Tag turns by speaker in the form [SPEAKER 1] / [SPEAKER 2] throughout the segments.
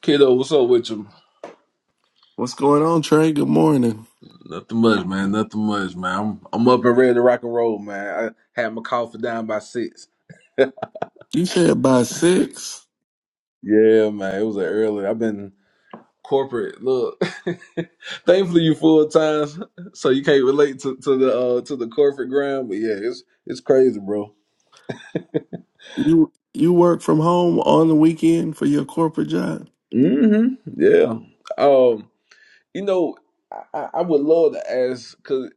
[SPEAKER 1] Kiddo, what's up with you?
[SPEAKER 2] What's going on, Trey? Good morning.
[SPEAKER 1] Nothing much, man. Nothing much, man. I'm I'm up and ready to rock and roll, man. I had my coffee down by six.
[SPEAKER 2] You said by six.
[SPEAKER 1] Yeah, man. It was an early. I've been corporate. Look, thankfully you full time, so you can't relate to, to the uh, to the corporate grind. But yeah, it's it's crazy, bro.
[SPEAKER 2] You you work from home on the weekend for your corporate job?
[SPEAKER 1] hmm Yeah. Um. You know, I, I I would love to ask because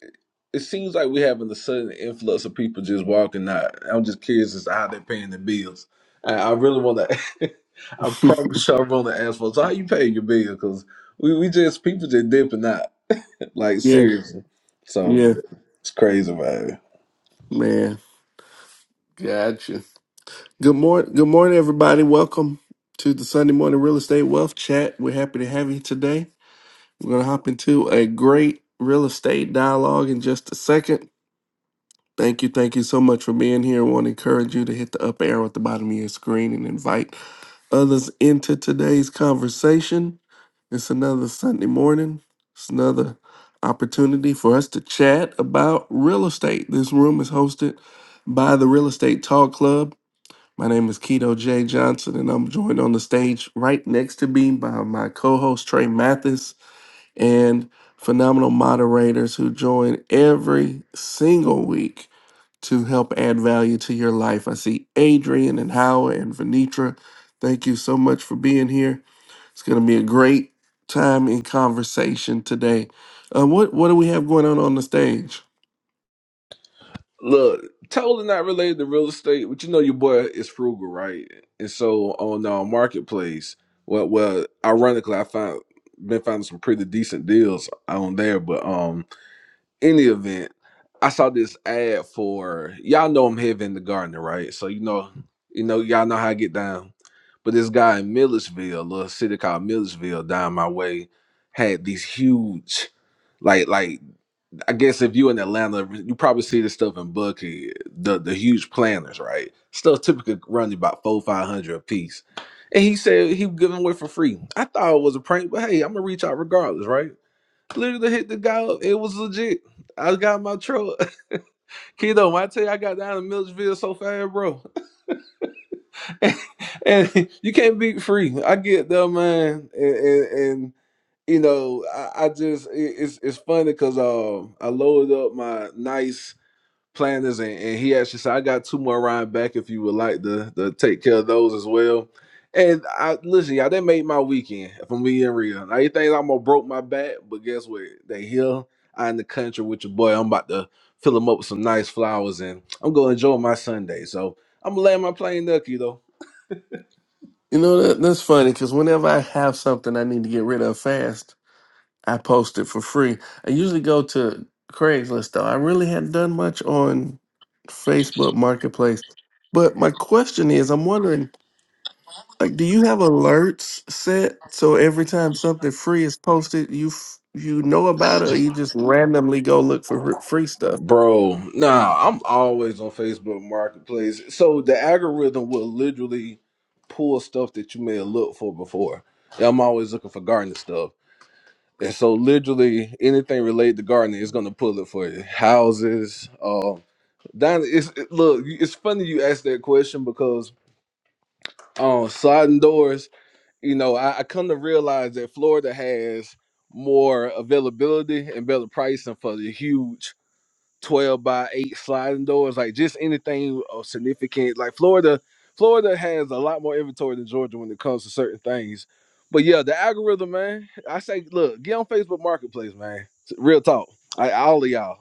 [SPEAKER 1] it seems like we're having a sudden influx of people just walking out. I'm just curious as to how they're paying their bills. I, I really want to. I promise you, I want to ask folks how you pay your bill because we, we just people just dipping out like
[SPEAKER 2] yeah,
[SPEAKER 1] seriously. So
[SPEAKER 2] yeah,
[SPEAKER 1] it's crazy, man.
[SPEAKER 2] man. Gotcha. Good morning. Good morning, everybody. Welcome to the Sunday morning real estate wealth chat. We're happy to have you today. We're gonna hop into a great real estate dialogue in just a second. Thank you, thank you so much for being here. I want to encourage you to hit the up arrow at the bottom of your screen and invite others into today's conversation. It's another Sunday morning. It's another opportunity for us to chat about real estate. This room is hosted by the Real Estate Talk Club. My name is Keto J. Johnson, and I'm joined on the stage right next to me by my co host Trey Mathis and phenomenal moderators who join every single week to help add value to your life. I see Adrian and Howard and Venitra. Thank you so much for being here. It's going to be a great time in conversation today. Uh, what what do we have going on on the stage?
[SPEAKER 1] Look, totally not related to real estate, but you know your boy is frugal, right? And so on uh, marketplace, well, well, ironically, I found been finding some pretty decent deals on there. But um, in the event, I saw this ad for y'all know I'm heavy in the gardener, right? So you know, you know, y'all know how I get down. But this guy in Millersville, a little city called Millersville, down my way, had these huge, like like I guess if you in Atlanta, you probably see this stuff in Bucky, the the huge planners, right? Stuff typically running about four five hundred a piece. And he said he was giving away for free. I thought it was a prank, but hey, I'm gonna reach out regardless, right? Literally hit the guy up. It was legit. I got my truck. Kiddo, when I tell you I got down to Millersville so fast, bro. and you can't beat free. I get there, man. And, and, and you know, I, I just it, it's it's funny because um I loaded up my nice planners, and, and he actually said, "I got two more round back if you would like to, to take care of those as well." And I listen, y'all, they made my weekend. If I'm being real, now you think I'm gonna broke my back, but guess what? They here, I in the country with your boy. I'm about to fill them up with some nice flowers, and I'm gonna enjoy my Sunday. So I'm gonna land my plane Nucky. though.
[SPEAKER 2] You know that that's funny because whenever I have something I need to get rid of fast, I post it for free. I usually go to Craigslist though. I really hadn't done much on Facebook Marketplace, but my question is, I'm wondering, like, do you have alerts set so every time something free is posted, you f- you know about it, or you just randomly go look for r- free stuff?
[SPEAKER 1] Bro, nah, I'm always on Facebook Marketplace. So the algorithm will literally pull stuff that you may have looked for before. Yeah, I'm always looking for gardening stuff. And so literally anything related to gardening is gonna pull it for you. Houses, um down it's it, look, it's funny you asked that question because um sliding doors, you know, I, I come to realize that Florida has more availability and better pricing for the huge 12 by 8 sliding doors, like just anything of significant. Like Florida, Florida has a lot more inventory than Georgia when it comes to certain things. But yeah, the algorithm, man. I say, look, get on Facebook Marketplace, man. Real talk. I all of y'all.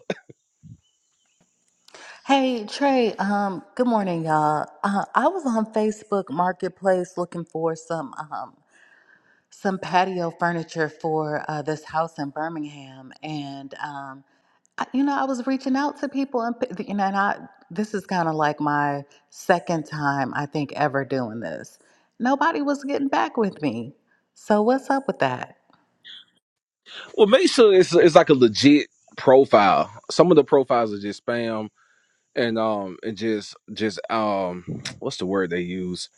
[SPEAKER 3] Hey Trey, um, good morning, y'all. Uh, I was on Facebook Marketplace looking for some um, some patio furniture for uh, this house in Birmingham, and um, I, you know, I was reaching out to people, and p- you know, and I this is kind of like my second time I think ever doing this. Nobody was getting back with me, so what's up with that?
[SPEAKER 1] Well, make sure it's it's like a legit profile. Some of the profiles are just spam and um and just just um what's the word they use?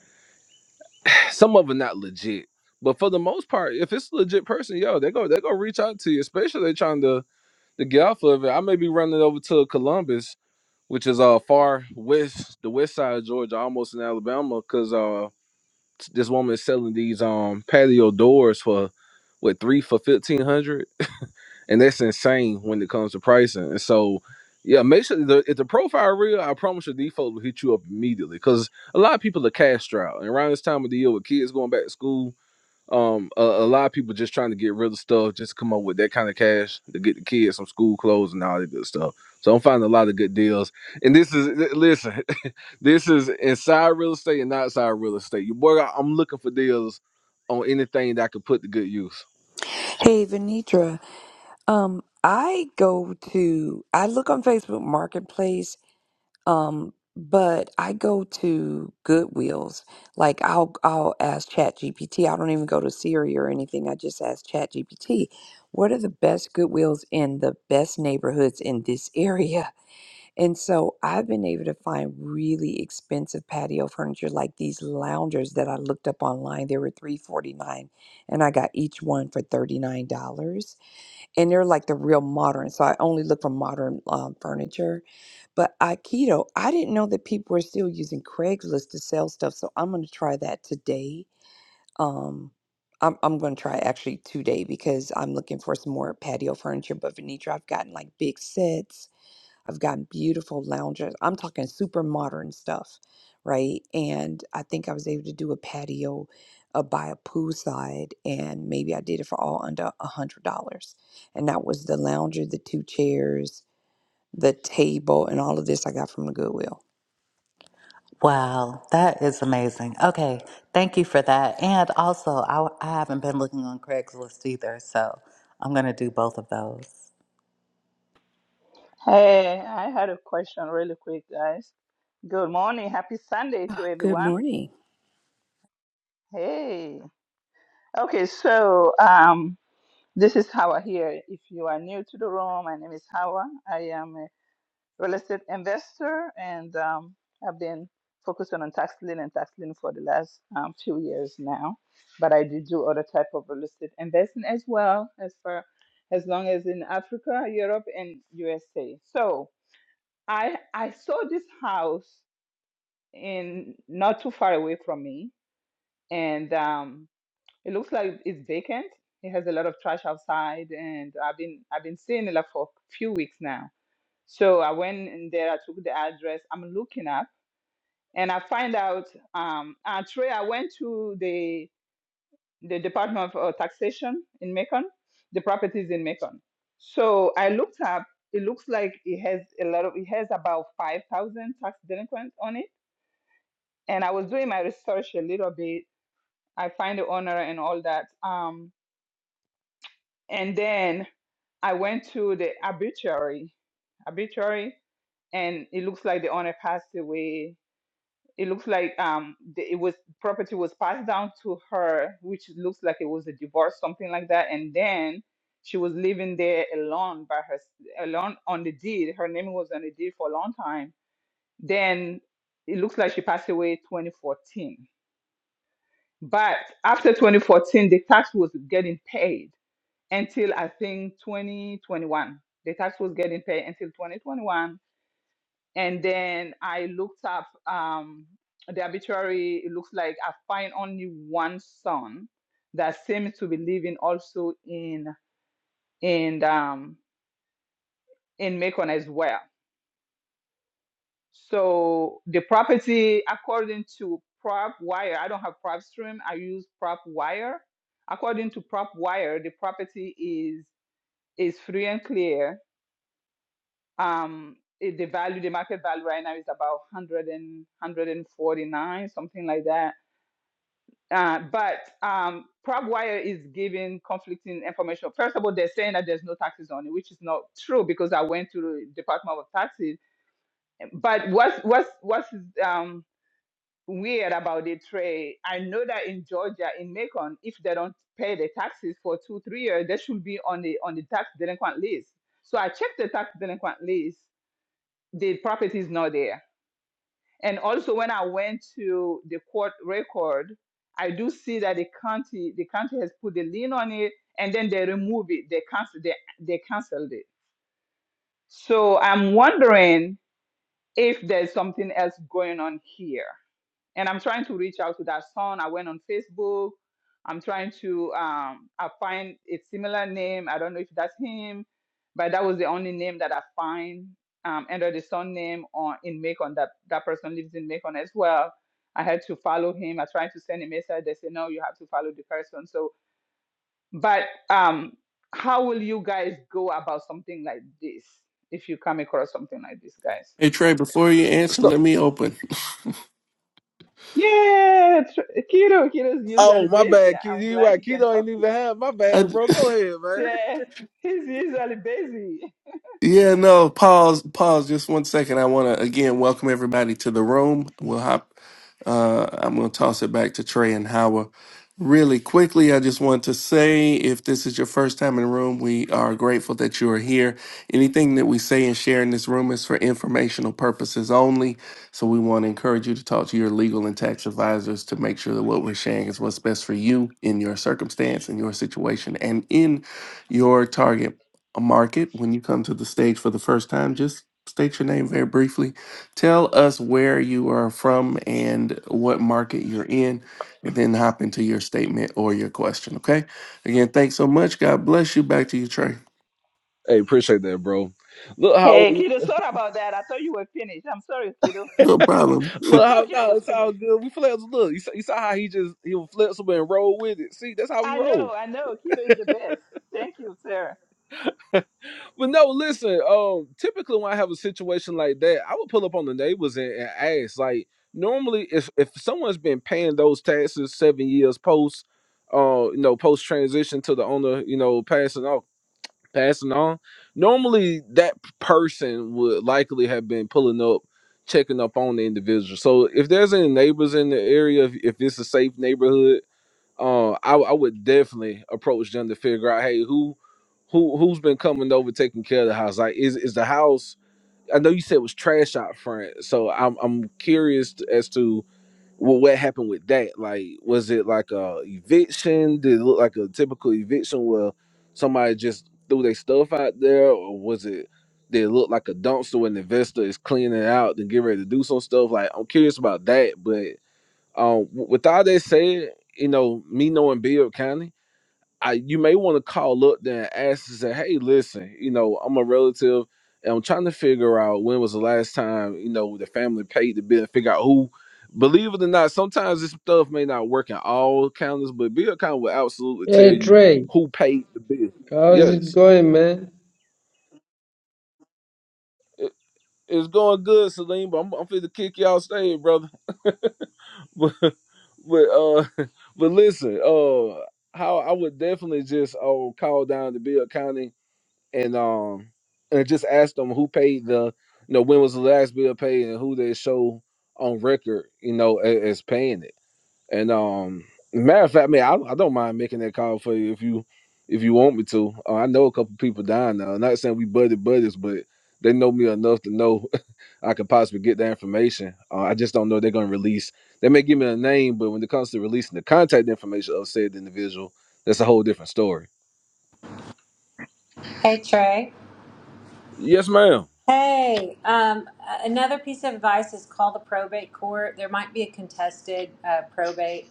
[SPEAKER 1] Some of them not legit. But for the most part, if it's a legit person, yo, they go they go reach out to you, especially if they trying to to get off of it, I may be running over to Columbus, which is uh far west, the west side of Georgia, almost in Alabama, because uh this woman is selling these um patio doors for what three for fifteen hundred, and that's insane when it comes to pricing. And so, yeah, make sure the, if the profile real, I promise your default will hit you up immediately because a lot of people are cash out, and around this time of the year with kids going back to school. Um, a, a lot of people just trying to get rid of stuff, just to come up with that kind of cash to get the kids some school clothes and all that good stuff. So I'm finding a lot of good deals. And this is li- listen, this is inside real estate and outside real estate. Your boy, I- I'm looking for deals on anything that I could put to good use.
[SPEAKER 4] Hey, Venitra. Um, I go to I look on Facebook Marketplace, um, but I go to Goodwills. Like I'll I'll ask ChatGPT. I don't even go to Siri or anything. I just ask ChatGPT, what are the best Goodwills in the best neighborhoods in this area? And so I've been able to find really expensive patio furniture, like these loungers that I looked up online. They were three forty nine, and I got each one for thirty nine dollars and they're like the real modern. So I only look for modern um, furniture. But Aikido, I didn't know that people were still using Craigslist to sell stuff. So I'm going to try that today. Um, I'm, I'm going to try actually today because I'm looking for some more patio furniture. But Venetra, I've gotten like big sets I've got beautiful lounges. I'm talking super modern stuff, right? And I think I was able to do a patio uh, by a poolside, and maybe I did it for all under a hundred dollars. And that was the lounger, the two chairs, the table, and all of this I got from the Goodwill.
[SPEAKER 3] Wow, that is amazing. Okay, thank you for that. And also, I, I haven't been looking on Craigslist either, so I'm going to do both of those.
[SPEAKER 5] Hey, I had a question really quick, guys. Good morning. Happy Sunday to
[SPEAKER 4] Ah, Good
[SPEAKER 5] everyone.
[SPEAKER 4] morning.
[SPEAKER 5] Hey. Okay, so um, this is Hawa here. If you are new to the room, my name is Hawa. I am a real estate investor and um, I've been focusing on tax lien and tax lien for the last um, few years now. But I do do other type of real estate investing as well, as far as long as in Africa, Europe, and USA. So I I saw this house in not too far away from me, and um, it looks like it's vacant. It has a lot of trash outside, and I've been I've been seeing it like for a few weeks now. So I went in there. I took the address. I'm looking up, and I find out. Um, uh, Trey, I went to the the Department of uh, Taxation in Macon. The property is in Macon. So I looked up. It looks like it has a lot of. It has about five thousand tax delinquent on it and I was doing my research a little bit I find the owner and all that. Um, and then I went to the obituary, obituary, and it looks like the owner passed away. It looks like um, the, it was property was passed down to her, which looks like it was a divorce, something like that. And then she was living there alone by her alone on the deed. Her name was on the deed for a long time. Then it looks like she passed away 2014. But after 2014, the tax was getting paid until I think 2021. The tax was getting paid until 2021. And then I looked up um, the arbitrary, it looks like I find only one son that seems to be living also in in um, in Macon as well. So the property, according to prop wire, I don't have prop stream, I use prop wire. According to prop wire, the property is is free and clear Um, it- the value, the market value right now is about 100 and 149, something like that. Uh, but um, PragWire is giving conflicting information. First of all, they're saying that there's no taxes on it, which is not true because I went to the Department of Taxes. But what's what's what's um, weird about the trade? I know that in Georgia, in Macon, if they don't pay the taxes for two three years, they should be on the on the tax delinquent list. So I checked the tax delinquent list. The property is not there And also when I went to the court record, I do see that the county the county has put the lien on it and then they remove it. They cancel they, they canceled it. So I'm wondering if there's something else going on here and I'm trying to reach out to that son. I went on Facebook. I'm trying to um, I find a similar name. I don't know if that's him, but that was the only name that I find um, under the son name on in Macon. That that person lives in Macon as well. I had to follow him. I tried to send a message. They said no, you have to follow the person. So, but um, how will you guys go about something like this if you come across something like this, guys?
[SPEAKER 2] Hey Trey, before you answer,
[SPEAKER 1] So-
[SPEAKER 2] let me open.
[SPEAKER 5] Yeah, tr- Kiro, Kiro's usually
[SPEAKER 1] oh, my
[SPEAKER 5] busy.
[SPEAKER 1] bad, kid.
[SPEAKER 5] I'm
[SPEAKER 1] You
[SPEAKER 5] glad
[SPEAKER 1] right,
[SPEAKER 5] he can
[SPEAKER 1] Keto
[SPEAKER 5] talk
[SPEAKER 1] ain't
[SPEAKER 5] to.
[SPEAKER 1] even have my
[SPEAKER 2] I,
[SPEAKER 1] bad, bro. Go ahead, man.
[SPEAKER 5] Yeah, he's usually busy.
[SPEAKER 2] Yeah, no, pause, pause just one second. I want to again welcome everybody to the room. We'll hop, uh, I'm going to toss it back to Trey and Howard really quickly. I just want to say if this is your first time in the room, we are grateful that you are here. Anything that we say and share in this room is for informational purposes only. So we want to encourage you to talk to your legal and tax advisors to make sure that what we're sharing is what's best for you in your circumstance, in your situation, and in your target a Market, when you come to the stage for the first time, just state your name very briefly. Tell us where you are from and what market you're in, and then hop into your statement or your question. Okay. Again, thanks so much. God bless you. Back to you, Trey.
[SPEAKER 1] Hey, appreciate that, bro. Look how,
[SPEAKER 5] Hey, Kido, sorry about that. I thought you were finished. I'm sorry, Kido.
[SPEAKER 2] No problem.
[SPEAKER 5] I
[SPEAKER 1] look how,
[SPEAKER 5] thought Kido
[SPEAKER 1] no,
[SPEAKER 5] was
[SPEAKER 1] it's all
[SPEAKER 5] finished.
[SPEAKER 1] good. We flexible. Look, you saw, you saw how he just he was flexible and rolled with it. See, that's how we
[SPEAKER 5] I
[SPEAKER 1] roll.
[SPEAKER 5] know, I know. Kido is the best. Thank you, Sarah.
[SPEAKER 1] But no, listen. Um, typically when I have a situation like that, I would pull up on the neighbors and, and ask. Like, normally, if if someone's been paying those taxes seven years post, uh, you know, post transition to the owner, you know, passing off, passing on, normally that p- person would likely have been pulling up, checking up on the individual. So if there's any neighbors in the area, if, if it's a safe neighborhood, uh, I, I would definitely approach them to figure out, hey, who, who, who's been coming over taking care of the house? Like, is is the house? I know you said it was trash out front, so I'm I'm curious t- as to well, what happened with that. Like, was it like a eviction? Did it look like a typical eviction where somebody just threw their stuff out there, or was it? Did it look like a dumpster where an investor is cleaning it out and get ready to do some stuff? Like, I'm curious about that, but um, w- with all that said, you know, me knowing Bill County, I you may want to call up there and ask and say, hey, listen, you know, I'm a relative and I'm trying to figure out when was the last time, you know, the family paid the bill and figure out who believe it or not, sometimes this stuff may not work in all counties, but Bill County will absolutely tell
[SPEAKER 6] Hey
[SPEAKER 1] you
[SPEAKER 6] Trey,
[SPEAKER 1] who paid the bill.
[SPEAKER 6] how's it
[SPEAKER 1] Yes.
[SPEAKER 6] going, man?
[SPEAKER 1] It- It's going good, Salim, but I'm, I'm finna kick y'all stage, brother. but but uh but listen, uh how I would definitely just uh call down to Bill County and um and just ask them who paid the you know when was the last bill paid and who they show on record, you know, as, as paying it. And um matter of fact, man, I, I don't mind making that call for you if you if you want me to. Uh, I know a couple people down now. I'm not saying we buddy buddies, but they know me enough to know I could possibly get that information. Uh, I just don't know if they're going to release. They may give me a name, but when it comes to releasing the contact information of said individual, that's a whole different story.
[SPEAKER 7] Hey Trey.
[SPEAKER 1] Yes, ma'am.
[SPEAKER 7] Hey, um, another piece of advice is call the probate court. There might be a contested uh, probate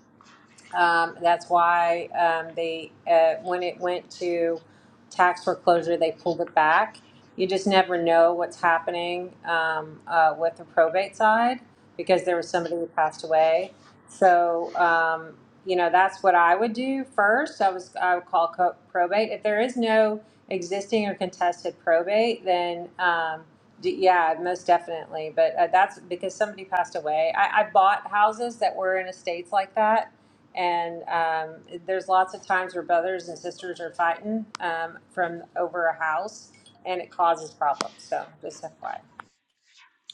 [SPEAKER 7] um, that's why um, they, uh, when it went to tax foreclosure, they pulled it back. You just never know what's happening um, uh, with the probate side because there was somebody who passed away. So, um, you know, that's what I would do first. I was I would call co- probate. If there is no existing or contested probate, then um, d- yeah, most definitely. But uh, that's because somebody passed away. I, I bought houses that were in estates like that and um, there's lots of times where brothers and sisters are fighting um, from over a house, and it causes problems. So just FYI.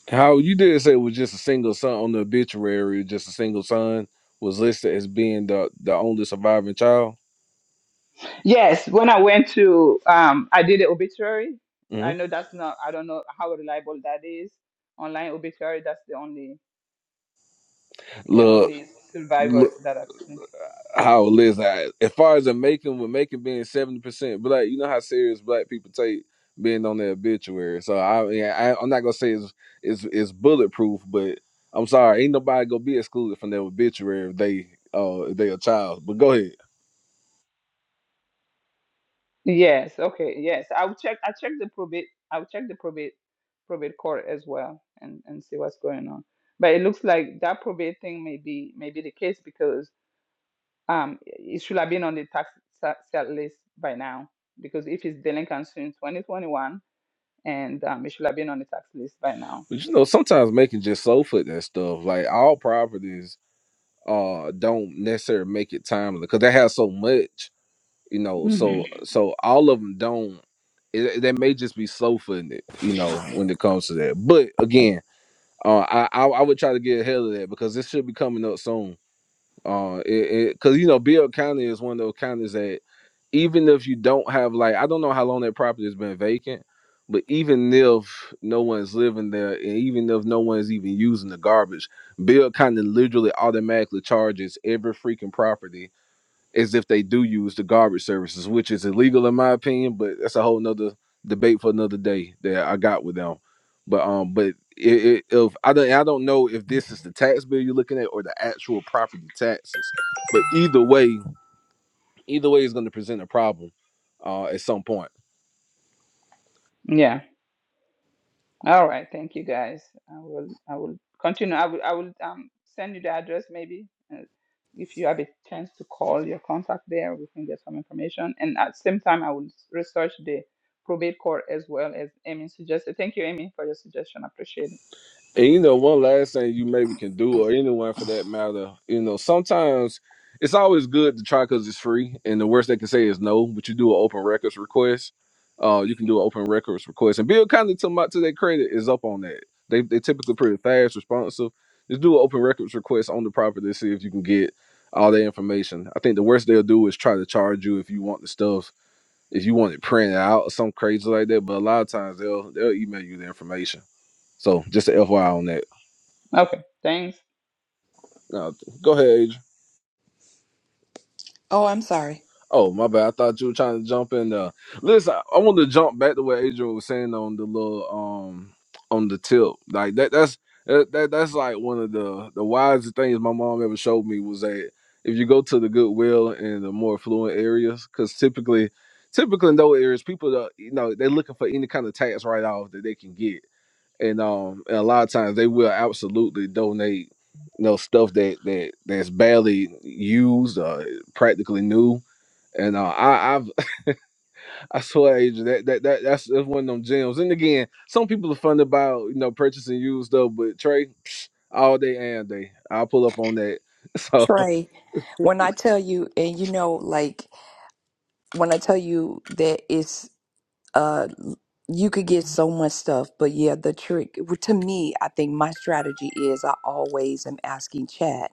[SPEAKER 1] How you did say it was just a single son on the obituary, just a single son was listed as being the the only surviving child.
[SPEAKER 5] Yes, when I went to, um, I did the obituary.
[SPEAKER 1] hmm
[SPEAKER 5] I know that's not. I don't know how reliable that is. Online obituary. That's the only, the
[SPEAKER 1] Look,
[SPEAKER 5] only survivor
[SPEAKER 1] look.
[SPEAKER 5] that I've seen.
[SPEAKER 1] how it is. I, as far as the making, with making being seventy percent black, you know how serious black people take being on their obituary. So I, yeah, I I'm not gonna say it's it's it's bulletproof, but I'm sorry, ain't nobody gonna be excluded from their obituary if they uh if they a child. But go ahead.
[SPEAKER 5] Yes, okay, yes. I'll check I'll check the probate I'll check the probate probate court as well and and see what's going on. But it looks like that probate thing may be may be the case because um it should have been on the tax sa- sale list by now because if it's delinquent since 2021 and um it should have been on the tax list by now.
[SPEAKER 1] But you know, sometimes making just so foot that stuff. Like all properties uh don't necessarily make it timely because they have so much. you know
[SPEAKER 5] hmm
[SPEAKER 1] so so all of them don't it, they may just be slow footing it you know when it comes to that but again uh i i, I would try to get ahead of that because this should be coming up soon uh it because you know bill county is one of those counties that even if you don't have like i don't know how long that property has been vacant but even if no one's living there and even if no one's even using the garbage bill County literally automatically charges every freaking property as if they do use the garbage services, which is illegal in my opinion, but that's a whole nother debate for another day that I got with them. But um, but it, it, if I don't, I don't know if this is the tax bill you're looking at or the actual property taxes, but either way, either way is going to present a problem uh, at some point.
[SPEAKER 5] Yeah. All right, thank you guys. I will I will continue. I will I will um send you the address maybe. Uh, if you have a chance to call your contact there, we can get some information. And at the same time, I will s- research the probate court as well as Amy suggested. Thank you, Amy, for your suggestion. I appreciate it.
[SPEAKER 1] And you know, one last thing you maybe can do, or anyone for that matter, you know, sometimes it's always good to try because it's free, and the worst they can say is no. But you do an open records request, uh, you can do an open records request, and Bill Conley to my to their credit is up on that. They they typically pretty fast, responsive. Just do an open records request on the property to see if you can get all that information. I think the worst they'll do is try to charge you if you want the stuff, if you want it printed out or something crazy like that. But a lot of times they'll they'll email you the information. So just a FYI on that.
[SPEAKER 5] Okay, thanks.
[SPEAKER 1] No, go ahead, Adrian.
[SPEAKER 4] Oh, I'm sorry,
[SPEAKER 1] Oh, my bad. I thought you were trying to jump in there. Listen, I want to jump back to what Adrian was saying on the little um on the tip. Like that that's that, that that's like one of the the wisest things my mom ever showed me was that if you go to the goodwill in the more affluent areas, because typically typically in those areas, people are, you know, they're looking for any kind of tax write off that they can get. and um and a lot of times they will absolutely donate you know stuff that that that's badly used uh practically new and uh i i've i swear Adrian, that, that that that's that's one of them gems and again some people are fun about you know purchasing used stuff but trey psh, all day and day i'll pull up on that so
[SPEAKER 4] Trey. When I tell you, and you know, like when I tell you that it's uh you could get so much stuff but yeah the trick well, to me i think my strategy is i always am asking chat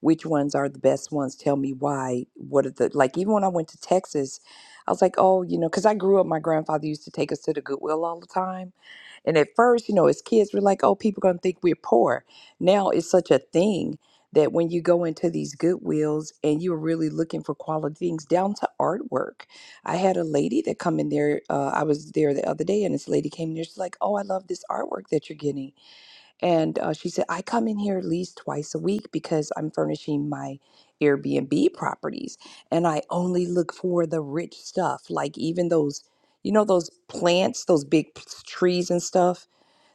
[SPEAKER 4] which ones are the best ones tell me why what are the like even when i went to texas i was like oh you know because i grew up my grandfather used to take us to the goodwill all the time and at first, you know, as kids, we're like, oh, people going to think we're poor. Now it's such a thing that when you go into these Goodwills and you're really looking for quality things down to artwork. I had a lady that come in there. Uh, I was there the other day and this lady came in there. She's like, oh, I love this artwork that you're getting. And uh, she said, I come in here at least twice a week because I'm furnishing my Airbnb properties. And I only look for the rich stuff, like even those, you know, those plants, those big p- trees and stuff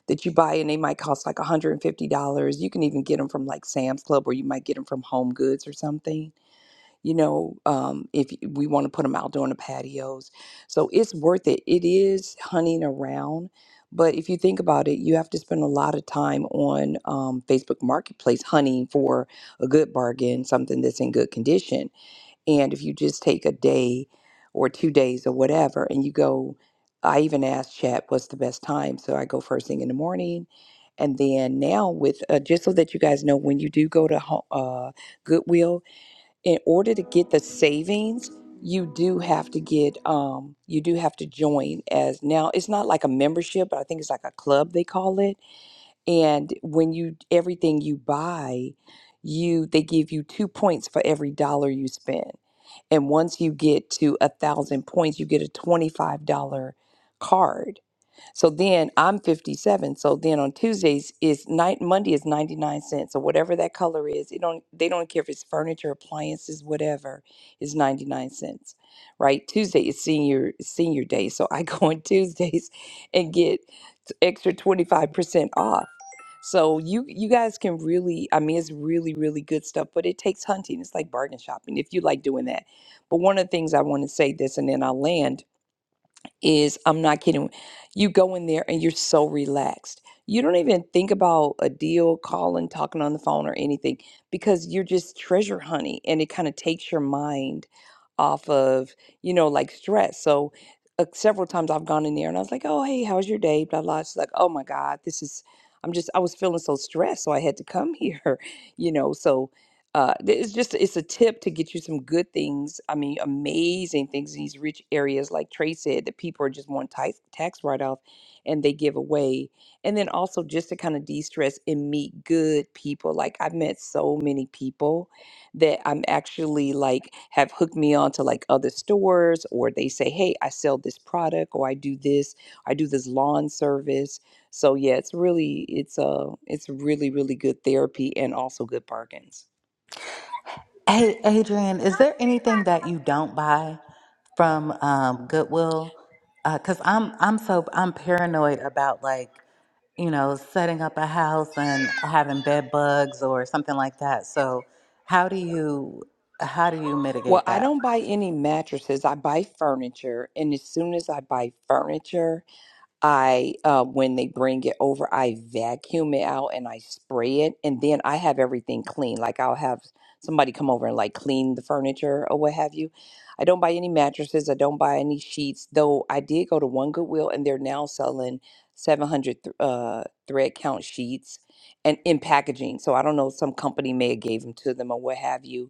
[SPEAKER 4] that you buy and they might cost like $150. You can even get them from like Sam's Club or you might get them from Home Goods or something. You know, um, if y- we want to put them out on the patios. So it's worth it. It is hunting around. But if you think about it, you have to spend a lot of time on um, Facebook Marketplace hunting for a good bargain, something that's in good condition and if you just take a day or two days or whatever, and you go, I even asked chat what's the best time. So I go first thing in the morning. And then now, with uh, just so that you guys know, when you do go to Ho- uh, Goodwill, in order to get the savings, you do have to get um, you do have to join as now. It's not like a membership, but I think it's like a club they call it. And when you everything you buy, you they give you two points for every dollar you spend. And once you get to a thousand points, you get a $25 card. So then I'm 57. So then on Tuesdays is night Monday is 99 cents. So whatever that color is, it don't they don't care if it's furniture, appliances, whatever, is 99 cents. Right? Tuesday is senior senior day. So I go on Tuesdays and get extra 25% off. So you you guys can really I mean it's really really good stuff, but it takes hunting. It's like bargain shopping if you like doing that. But one of the things I want to say this and then I'll land is I'm not kidding. You go in there and you're so relaxed. You don't even think about a deal, calling, talking on the phone, or anything because you're just treasure hunting and it kind of takes your mind off of, you know, like stress. So, uh, several times I've gone in there and I was like, oh, hey, how's your day? Blah, blah. She's like, oh my God, this is, I'm just, I was feeling so stressed. So I had to come here, you know. So, uh, th- it's just it's a tip to get you some good things. I mean, amazing things in these rich areas, like Trey said, that people are just want tax tax write off, and they give away. And then also just to kind of de stress and meet good people. Like I've met so many people that I'm actually like have hooked me on to like other stores, or they say, hey, I sell this product, or I do this, I do this lawn service. So yeah, it's really it's uh it's really really good therapy and also good bargains.
[SPEAKER 3] Hey, Adrian, is there anything that you don't buy from um, Goodwill? Because I'm I'm so I'm paranoid about like you know setting up a house and having bed bugs or something like that. So how do you how do you
[SPEAKER 4] Well,
[SPEAKER 3] mitigate
[SPEAKER 4] I
[SPEAKER 3] that?
[SPEAKER 4] don't buy any mattresses. I buy furniture, and as soon as I buy furniture, I uh, when they bring it over, I vacuum it out and I spray it, and then I have everything clean. Like I'll have somebody come over and like clean the furniture or what have you. I don't buy any mattresses. I don't buy any sheets, though. I did go to one Goodwill, and they're now selling seven hundred th- uh, thread count sheets and in packaging. So I don't know, some company may have gave them to them or what have you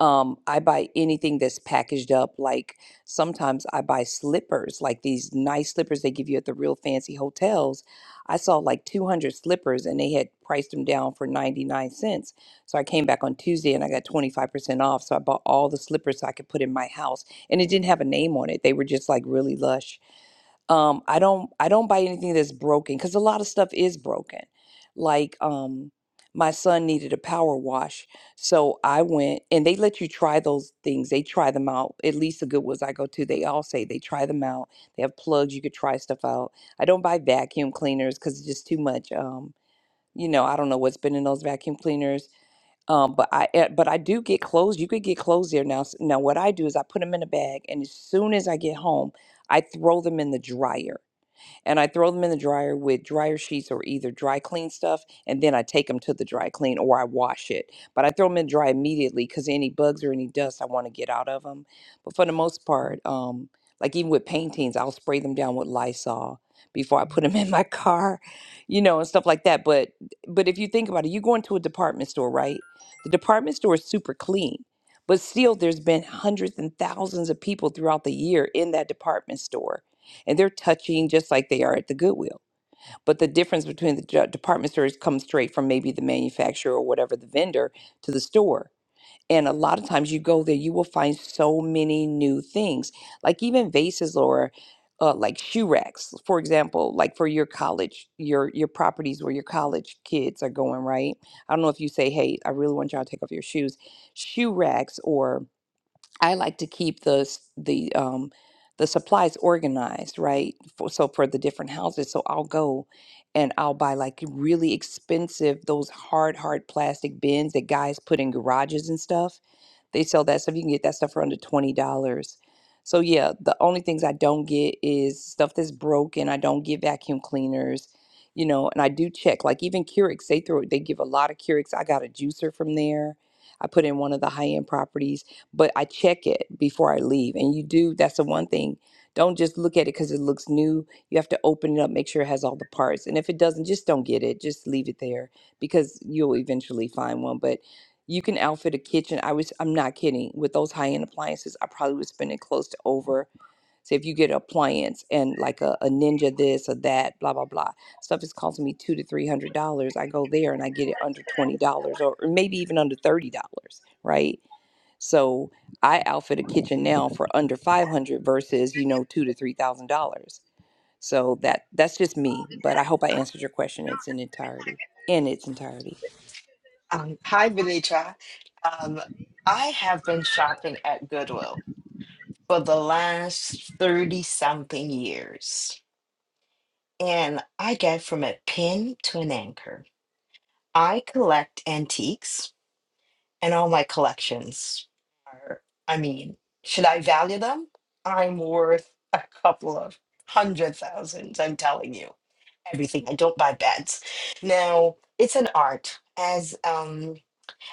[SPEAKER 4] um, I buy anything that's packaged up. Like sometimes I buy slippers, like these nice slippers they give you at the real fancy hotels. I saw like 200 slippers and they had priced them down for 99 cents. So I came back on Tuesday and I got 25% off. So I bought all the slippers I could put in my house and it didn't have a name on it. They were just like really lush um i don't i don't buy anything that's broken because a lot of stuff is broken like um my son needed a power wash so i went and they let you try those things they try them out at least the good ones i go to they all say they try them out they have plugs you could try stuff out i don't buy vacuum cleaners because it's just too much um you know i don't know what's been in those vacuum cleaners um but i eh, but i do get clothes you could get clothes there now S- now what i do is i put them in a bag and as soon as i get home i throw them in the dryer and I throw them in the dryer with dryer sheets or either dry clean stuff, and then I take them to the dry clean or I wash it. But I throw them in dry immediately because any bugs or any dust I want to get out of them. But for the most part, um, like even with paintings, I'll spray them down with Lysol before I put them in my car, you know, and stuff like that. But but if you think about it, you go into a department store, right? The department store is super clean. But still, there's been hundreds and thousands of people throughout the year in that department store and they're touching just like they are at the Goodwill. But the difference between the ju- department stores comes straight from maybe the manufacturer or whatever the vendor to the store. And a lot of times you go there, you will find so many new things, like even vases or uh, like shoe racks, for example, like for your college, your your properties where your college kids are going, right? I don't know if you say, "Hey, I really want y'all to take off your shoes," shoe racks or. I like to keep the s- the um the supplies organized, right? For, so for the different houses, so I'll go and I'll buy like really expensive those hard hard plastic bins that guys put in garages and stuff. They sell that stuff. You can get that stuff for under twenty dollars. So yeah, the only things I don't get is stuff that's broken. I don't get vacuum cleaners, you know, and I do check. Like even Keurigs, they throw they give a lot of Keurigs. I got a juicer from there. I put in one of the high end properties but I check it before I leave. And you do, that's the one thing. Don't just look at it because it looks new. You have to open it up, make sure it has all the parts. And if it doesn't, just don't get it. Just leave it there because you'll eventually find one. But you can outfit a kitchen. I was, I'm not kidding. With those high end appliances, I probably was spending close to over. So if you get an appliance and like a, a ninja this or that, blah, blah, blah. Stuff is costing me two to three hundred dollars. I go there and I get it under twenty dollars or or maybe even under thirty dollars, right? So I outfit a kitchen now for under 500 versus, you know, two to three thousand dollars. So that that's just me, but I hope I answered your question. It's in entirety in its entirety.
[SPEAKER 8] Um, hi, Benita. Um, I have been shopping at Goodwill for the last 30 something years, and I get from a pin to an anchor. I collect antiques, and all my collections are, I mean, should I value them? I'm worth a couple of hundred thousands, I'm telling you. Everything. I don't buy beds. Now, it's an art, as um,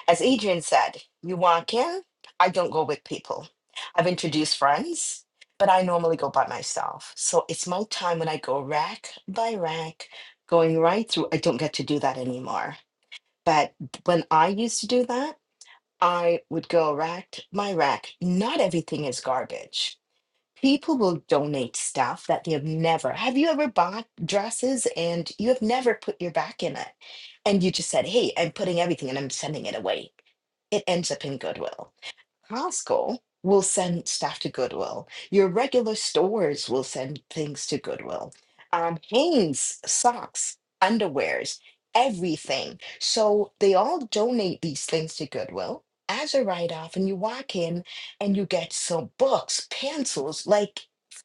[SPEAKER 8] As Adrian said, you walk in, I don't go with people. I've introduced friends, but I normally go by myself. So it's my time when I go rack by rack, going right through. I don't get to do that anymore. But when I used to do that, I would go rack by rack. Not everything is garbage people will donate stuff that they have never have you ever bought dresses and you have never put your back in it and you just said hey i'm putting everything and i'm sending it away it ends up in goodwill Costco will send stuff to Goodwill. Your regular stores will send things to Goodwill. Um, Hanes, socks, underwears, everything. So they all donate these things to Goodwill as a write off. And you walk in and you get some books, pencils, like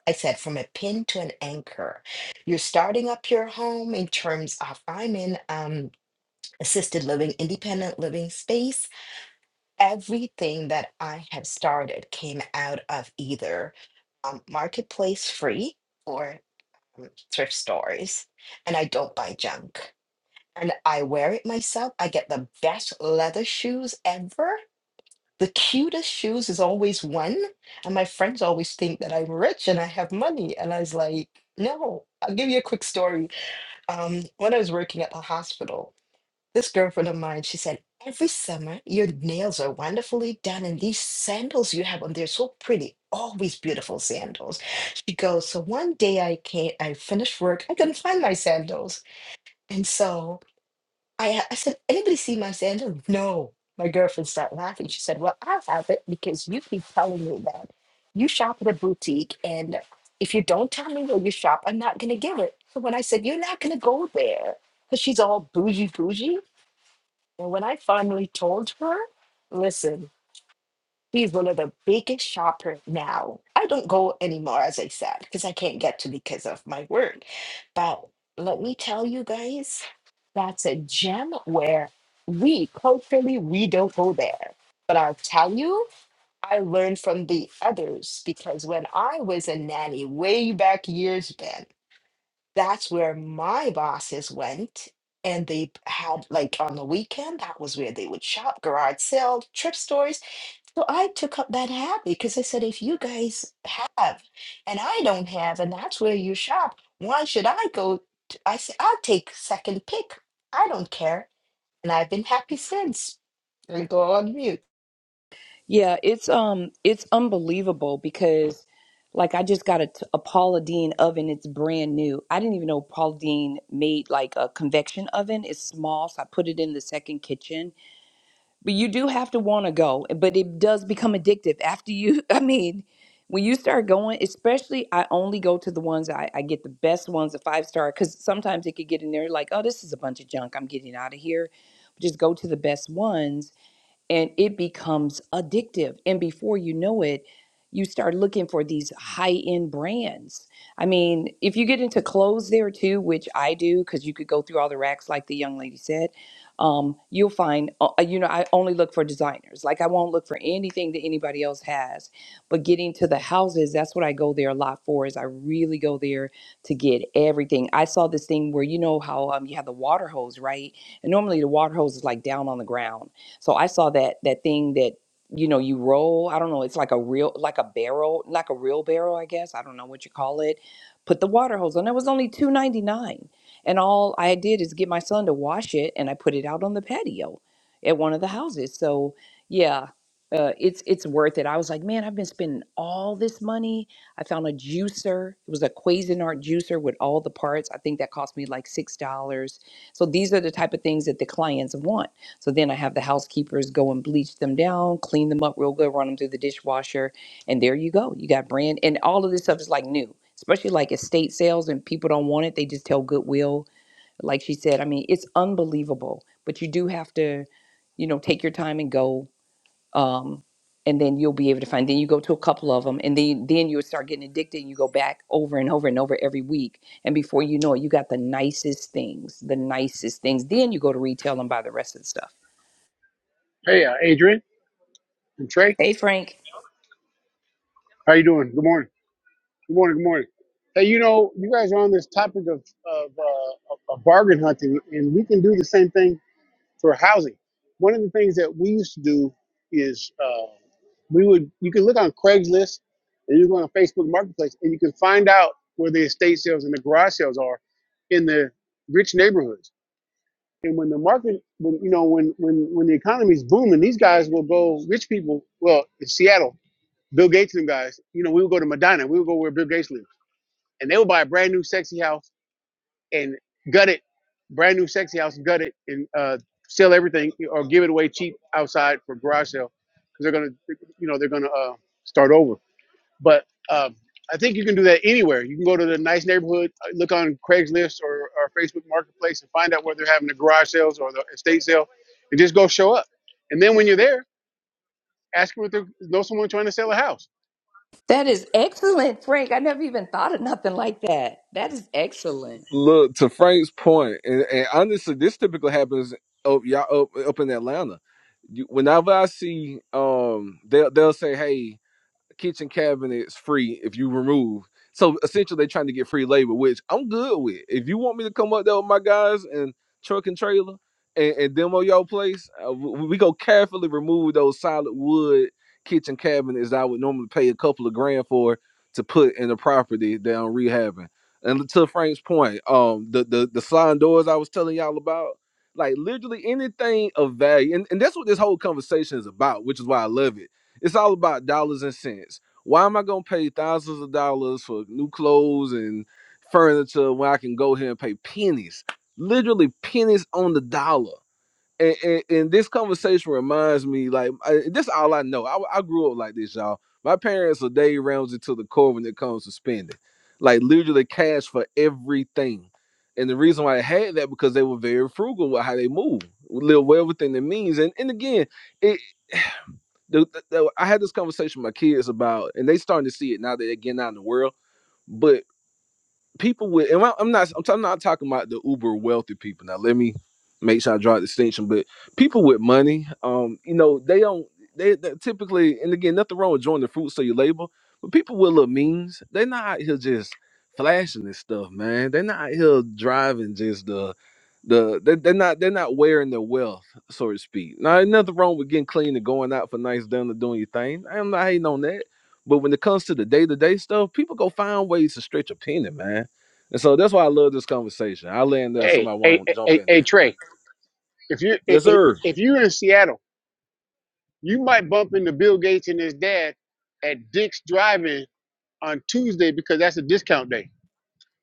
[SPEAKER 8] I said, from a pin to an anchor. You're starting up your home in terms of I'm in um, assisted living, independent living space everything that I have started came out of either um, marketplace free or um, thrift stores, and I don't buy junk. And I wear it myself. I get the best leather shoes ever. The cutest shoes is always one. And my friends always think that I'm rich and I have money. And I was like, no, I'll give you a quick story. Um, when I was working at the hospital, this girlfriend of mine, she said, every summer your nails are wonderfully done, and these sandals you have on, they're so pretty, always beautiful sandals. She goes, so one day I came, I finished work, I couldn't find my sandals. And so I, I said, anybody see my sandals? No. My girlfriend started laughing. She said, well, I have it because you keep telling me that you shop at a boutique, and if you don't tell me where you shop, I'm not going to give it. So when I said, you're not going to go there, because she's all bougie, bougie. And when I finally told her, listen, he's one of the biggest shopper now. I don't go anymore, as I said, because I can't get to because of my work. But let me tell you guys, that's a gem where we culturally we don't go there. But I'll tell you, I learned from the others because when I was a nanny way back years back that's where my bosses went and they had like on the weekend that was where they would shop garage sale trip stories so i took up that habit because i said if you guys have and i don't have and that's where you shop why should i go t- i said i'll take second pick i don't care and i've been happy since i go on mute
[SPEAKER 4] Yeah, it's um it's unbelievable because like I just got a, t- a Paula Deen oven. It's brand new. I didn't even know Paula Deen made like a convection oven. It's small, so I put it in the second kitchen but you do have to want to go but it does become addictive after you i mean when you start going especially i only go to the ones i, I get the best ones the five star because sometimes it could get in there like oh this is a bunch of junk i'm getting out of here just go to the best ones and it becomes addictive. And before you know it, you start looking for these high end brands. I mean, if you get into clothes there too, which I do, because you could go through all the racks, like the young lady said, um, you'll find, uh, uh, you know, I only look for designers. Like I won't look for anything that anybody else has. But getting to the houses, that's what I go there a lot for, is I really go there to get everything. I saw this thing where, you know, how um, you have the water hose, right? And normally the water hose is like down on the ground so I saw that that thing that you know you roll. I don't know. It's like a real, like a barrel, like a real barrel, I guess. I don't know what you call it. Put the water hose on. It was only two ninety nine, and all I did is get my son to wash it, and I put it out on the patio at one of the houses. So yeah. Uh, it's it's worth it. I was like, man, I've been spending all this money. I found a juicer. It was a Cuisinart juicer with all the parts. I think that cost me like six dollars. So these are the type of things that the clients want so then I have the housekeepers go and bleach them down, clean them up real good, run them through the dishwasher, and there you go. You got brand, and all of this stuff is like new, especially like estate sales, and people don't want it. They just tell Goodwill, like she said. I mean, it's unbelievable, but you do have to, you know, take your time and go. Um, and then you'll be able to find. Then you go to a couple of them, and then then you'll start getting addicted, and you go back over and over and over every week, and before you know it, you got the nicest things, the nicest things. Then you go to retail and buy the rest of the stuff
[SPEAKER 9] Hey, uh, Adrian and Trey,
[SPEAKER 4] Hey, Frank.
[SPEAKER 9] how you doing? Good morning. Good morning. Good morning. Hey, you know, you guys are on this topic of of, uh, of of bargain hunting, and we can do the same thing for housing. One of the things that we used to do is uh, we would you can look on Craigslist and you go on Facebook Marketplace, and you can find out where the estate sales and the garage sales are in the rich neighborhoods. And when the market, when you know, when when when the economy is booming, these guys will go. Rich people, well, in Seattle Bill Gates and guys, you know, we would go to Medina, we would go where Bill Gates lives, and they would buy a brand new sexy house and gut it, brand new sexy house, gut it, and uh, sell everything or give it away cheap outside for garage sale because they're gonna, you know, they're gonna uh, start over. But um, I think you can do that anywhere. You can go to the nice neighborhood, uh, look on Craigslist or, or Facebook Marketplace and find out where they're having the garage sales or the estate sale, and just go show up. And then when you're there, ask them if they know someone trying to sell a house.
[SPEAKER 4] That is excellent, Frank. I never even thought of nothing like that. That is excellent.
[SPEAKER 1] look to frank's point and, and honestly this typically happens up y'all up, up in atlanta You- whenever i see um they'll they'll say hey kitchen cabinets free if you remove. So essentially, they're trying to get free labor, which I'm good with. If you want me to come up there with my guys and truck and trailer and, and demo your place, uh, we, we go carefully remove those solid wood kitchen cabinets that I would normally pay a couple of grand for to put in the property that I'm rehabbing. And to Frank's point, um, the the the sliding doors I was telling y'all about, like literally anything of value, and, and that's what this whole conversation is about, which is why I love it it's all about dollars and cents. Why am I gonna pay thousands of dollars for new clothes and furniture when I can go here and pay pennies, literally pennies on the dollar? And, and, and this conversation reminds me, like, I, this is all I know. I, I grew up like this, y'all. My parents are Dave Ramsey to the core when it comes to spending, like literally cash for everything. And the reason why I had that because they were very frugal with how they move, live well within their means. And and again, it, the, the- the- I had this conversation with my kids about, and they starting to see it now that they're getting out in the world. But people with and I'm not I'm, not talking about the uber wealthy people. Now let me make sure I draw a distinction, but people with money, um, you know, they don't they, they typically and again nothing wrong with enjoying the fruits of your labor, but people with little means, they're not out here just flashing this stuff, man. They're not out here driving just the the they, they're not they're not wearing their wealth, so to speak. Now ain't nothing wrong with getting clean and going out for nice dinner doing your thing. I'm not hating on that. But when it comes to the day to day stuff, people go find ways to stretch a penny, man and so that's why I love this conversation. I land there,
[SPEAKER 9] Hey,
[SPEAKER 1] somebody
[SPEAKER 9] hey,
[SPEAKER 1] want to jump
[SPEAKER 9] hey,
[SPEAKER 1] in
[SPEAKER 9] hey,
[SPEAKER 1] there.
[SPEAKER 9] Trey. If you if,
[SPEAKER 1] Yes,
[SPEAKER 9] if
[SPEAKER 1] sir.
[SPEAKER 9] you're in Seattle, you might bump into Bill Gates and his dad at Dick's Drive-In on Tuesday because that's a discount day,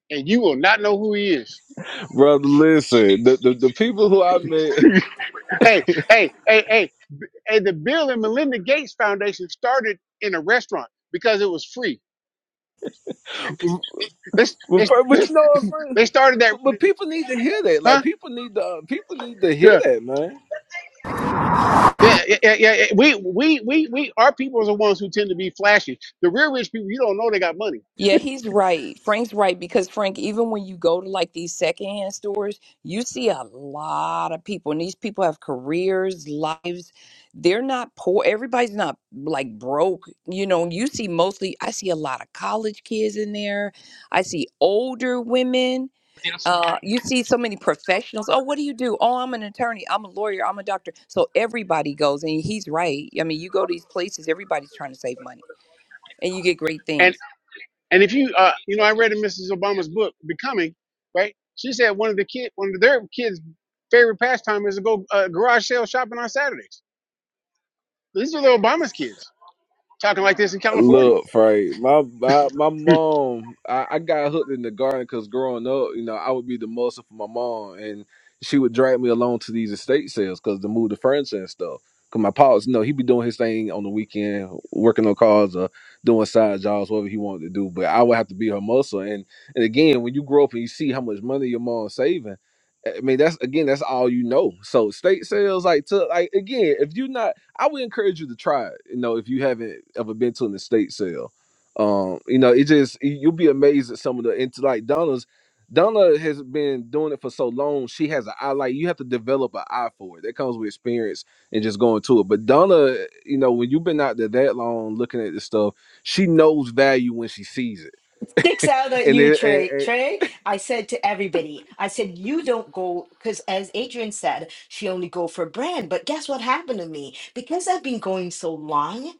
[SPEAKER 9] and you will not know who he is.
[SPEAKER 1] Brother, listen, the, the, the people who I met,
[SPEAKER 9] Hey, hey, hey, hey, hey! The Bill and Melinda Gates Foundation started in a restaurant because it was free. They
[SPEAKER 1] well,
[SPEAKER 9] they
[SPEAKER 1] fir-
[SPEAKER 9] they,
[SPEAKER 1] but you know what, friend?
[SPEAKER 9] they started
[SPEAKER 1] But,
[SPEAKER 9] that,
[SPEAKER 1] but people need to hear that. Like,
[SPEAKER 9] huh?
[SPEAKER 1] people need to, uh, people need to hear
[SPEAKER 9] Yeah.
[SPEAKER 1] that, man.
[SPEAKER 9] Yeah, yeah, yeah, yeah. yeah. We, we, we, we, our people are the ones who tend to be flashy. The real rich people, you don't know they got money
[SPEAKER 4] Yeah, he's right. Frank's right because, Frank, even when you go to like these secondhand stores, you see a lot of people, and these people have careers, lives. They're not poor. Everybody's not like broke. You know, you see mostly, I see a lot of college kids in there. I see older women uh, you see so many professionals. Oh, what do you do? Oh, I'm an attorney. I'm a lawyer. I'm a doctor. So everybody goes, and he's right. I mean, you go to these places, everybody's trying to save money, and you get great things.
[SPEAKER 9] And if you, uh, you know, I read in Mrs. Obama's book, Becoming, right? She said one of the kid, one of their kids' favorite pastime is to go uh, garage sale shopping on Saturdays. These are the Obama's kids talking like this in California.
[SPEAKER 1] Look, Frank, my my, my mom, I, I got hooked in the garden because growing up, you know, I would be the muscle for my mom, and she would drag me along to these estate sales because to move the furniture and stuff. Cause my pops, you know, he would be doing his thing on the weekend, working on cars or doing side jobs, whatever he wanted to do. But I would have to be her muscle. And and again, when you grow up and you see how much money your mom's saving, eh, I mean, that's again, that's all you know. So estate sales, like, to like again, if you're not I would encourage you to try it. You know, if you haven't ever been to an estate sale, um, you know, it just y- you'll be amazed at some of the into like Donna's. Donna has been doing it for so long. She has an eye. Like you have to develop an eye for it. That comes with experience and just going to it. But Donna, you know, when you've been out there that long looking at this stuff, she knows value when she sees it.
[SPEAKER 8] sticks out at
[SPEAKER 1] And
[SPEAKER 8] you,
[SPEAKER 1] then, and,
[SPEAKER 8] Trey.
[SPEAKER 1] and
[SPEAKER 8] Trey, I said to everybody, I said, you don't go, because as Adrian said, she only go for brand. But guess what happened to me? Because I've been going so long,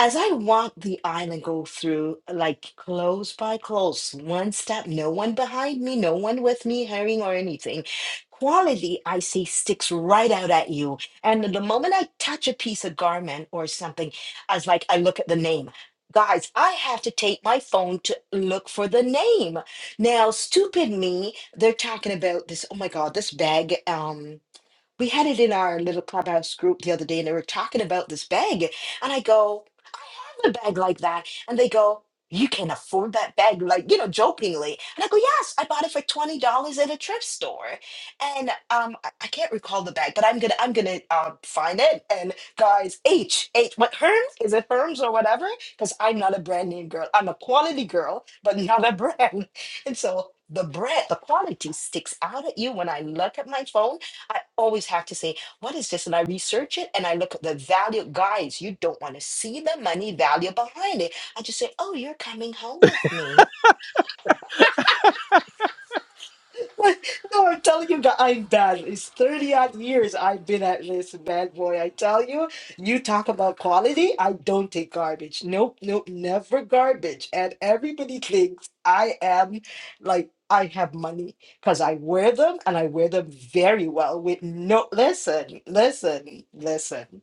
[SPEAKER 8] as I walk the aisle and go through like close by close, one step, no one behind me, no one with me, hurrying or anything. Quality, I see, sticks right out at you. And the moment I touch a piece of garment or something, I was like, I look at the name. Guys, I have to take my phone to look for the name. Now, stupid me, they're talking about this. Oh my God, this bag. Um, we had it in our little clubhouse group the other day and they were talking about this bag and i go i have a bag like that and they go you can afford that bag like you know jokingly and i go yes i bought it for $20 at a thrift store and um i, I can't recall the bag but i'm gonna i'm gonna um, find it and guys h h what herms is it herms or whatever because i'm not a brand name girl i'm a quality girl but not a brand and so the brand the quality sticks out at you when i look at my phone I always have to say, what is this? And I research it and I look at the value. Guys, you don't want to see the money value behind it. I just say, oh, you're coming home with me. What? No, I'm telling you that I'm bad. It's 30 odd years I've been at this bad boy. I tell you, you talk about quality. I don't take garbage. Nope, nope, never garbage. And everybody thinks I am like, I have money because I wear them and I wear them very well with no, listen, listen, listen.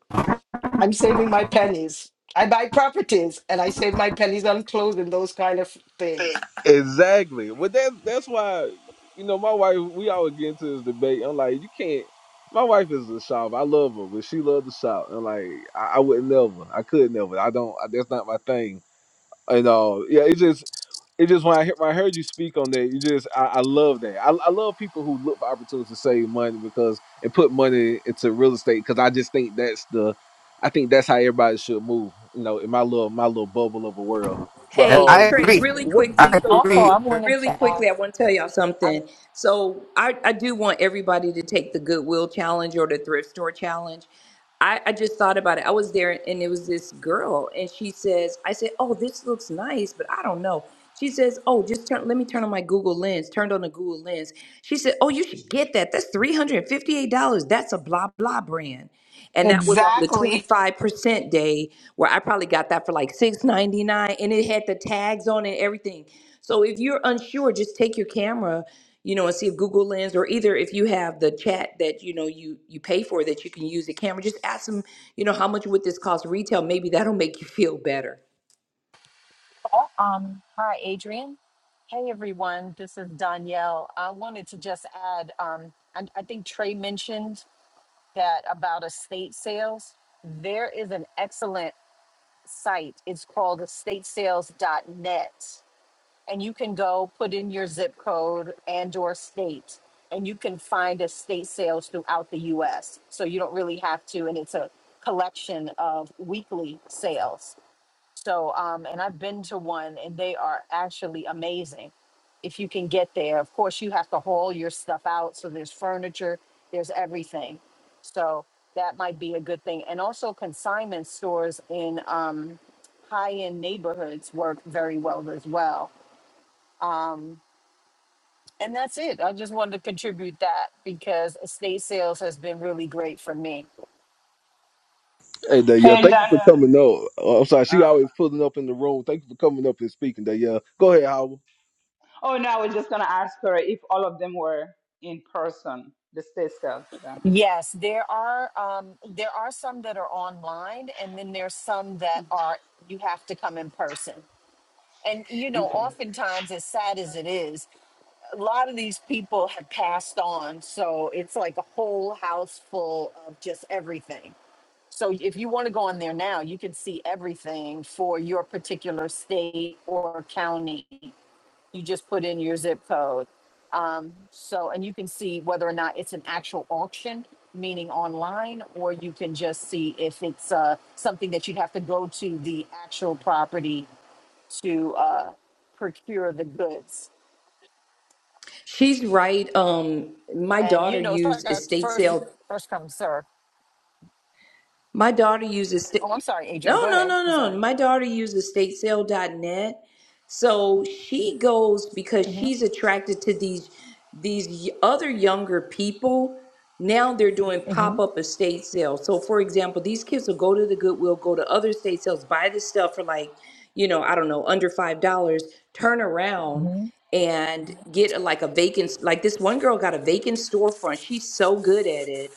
[SPEAKER 8] I'm saving my pennies. I buy properties and I save my pennies on clothes and those kind of things.
[SPEAKER 1] Exactly. But that's that's why you know my wife. We always get into this debate. I'm like, you can't. My wife is a shop. I love her, but she loves the shop. And like, I, I would never. I could never. I don't. I, that's not my thing. And uh, yeah, it just it just when I hear, when I heard you speak on that, you just I, I love that. I, I love people who look for opportunities to save money because and put money into real estate because I just think that's the, I think that's how everybody should move. You know, in my little my little bubble of a world. But
[SPEAKER 10] And
[SPEAKER 4] Hey,
[SPEAKER 10] I
[SPEAKER 1] um,
[SPEAKER 4] Trey,
[SPEAKER 10] agree.
[SPEAKER 1] w-
[SPEAKER 4] really
[SPEAKER 1] welcome
[SPEAKER 10] I
[SPEAKER 1] to the
[SPEAKER 4] quickly,
[SPEAKER 1] stage,
[SPEAKER 11] Also,
[SPEAKER 10] agree.
[SPEAKER 1] Tanya.
[SPEAKER 11] I wanted
[SPEAKER 4] really
[SPEAKER 11] to
[SPEAKER 4] quickly,
[SPEAKER 11] ask,
[SPEAKER 4] I want to tell y'all
[SPEAKER 11] I-
[SPEAKER 4] something. So I, I do want everybody to take the Goodwill challenge or the thrift store challenge. I, I just thought about it. I was there and it was this girl and she says, I said, Oh, this looks nice, but I don't know. She says, Oh, just turn let me turn on my Google lens. Turned on the Google lens. She said, Oh, you should get that. That's $358. That's a blah blah brand. And that was on the
[SPEAKER 8] Exactly.
[SPEAKER 4] 25% day where I probably got that for like six ninety-nine, and it had the tags on it and everything. So if you're unsure, just take your camera you know, and see if Google Lens or either if you have the chat that you know you you pay for that you can use the camera. Just ask them, you know, how much would this cost retail? Maybe that'll make you feel better.
[SPEAKER 11] um, hi, Adrian. Hey, everyone. This is Danielle. I wanted to just add, um, I, I think Trey mentioned that about estate sales. There is an excellent site. It's called estatesales.net. And you can go put in your zip code and or state, and you can find estate sales throughout the U.S. So you don't really have to, and it's a collection of weekly sales. So, um, and I've been to one and they are actually amazing. If you can get there, of course, you have to haul your stuff out. So there's furniture, there's everything. So that might be a good thing. And also, consignment stores in um, high end neighborhoods work very well as well. Um, and that's it. I just wanted to contribute that because estate sales has been really great for me.
[SPEAKER 1] Hey, Danielle,
[SPEAKER 5] Hey,
[SPEAKER 1] thank you for
[SPEAKER 5] Daniel.
[SPEAKER 1] coming up. Uh, I'm sorry, she
[SPEAKER 5] Oh,
[SPEAKER 1] always pulling up in the room. Thank you for coming up and speaking, Danielle. Go ahead, Howard.
[SPEAKER 5] oh no, I was just gonna ask her if all of them were in person, the state sales, Daniel.
[SPEAKER 11] Yes, there are um, there are some that are online, and then there's some that are you have to come in person. And you know,
[SPEAKER 5] Okay.
[SPEAKER 11] oftentimes, as sad as it is, a lot of these people have passed on, so it's like a whole house full of just everything. So if you want to go on there now, you can see everything for your particular state or county you just put in your zip code. Um, so, and you can see whether or not it's an actual auction, meaning online, or you can just see if it's uh, something that you'd have to go to the actual property to uh, procure the goods.
[SPEAKER 4] She's right. Um, my
[SPEAKER 11] And
[SPEAKER 4] daughter
[SPEAKER 11] you know, it's like
[SPEAKER 4] used
[SPEAKER 11] a
[SPEAKER 4] estate
[SPEAKER 11] first
[SPEAKER 4] sale.
[SPEAKER 11] first come sir.
[SPEAKER 4] My daughter uses sta-
[SPEAKER 11] Oh, I'm sorry, Adrian.
[SPEAKER 4] no,
[SPEAKER 11] Go
[SPEAKER 4] no,
[SPEAKER 11] ahead.
[SPEAKER 4] no,
[SPEAKER 11] I'm sorry.
[SPEAKER 4] no. My daughter uses statesale.net. So she goes because
[SPEAKER 11] hmm
[SPEAKER 4] she's attracted to these these y- other younger people. Now they're doing
[SPEAKER 11] hmm
[SPEAKER 4] pop-up estate sales. So for example, these kids will go to the Goodwill, go to other estate sales, buy this stuff for like, you know, I don't know, under five dollars, turn around
[SPEAKER 11] hmm
[SPEAKER 4] and get like a vacant like this one girl got a vacant storefront. She's so good at it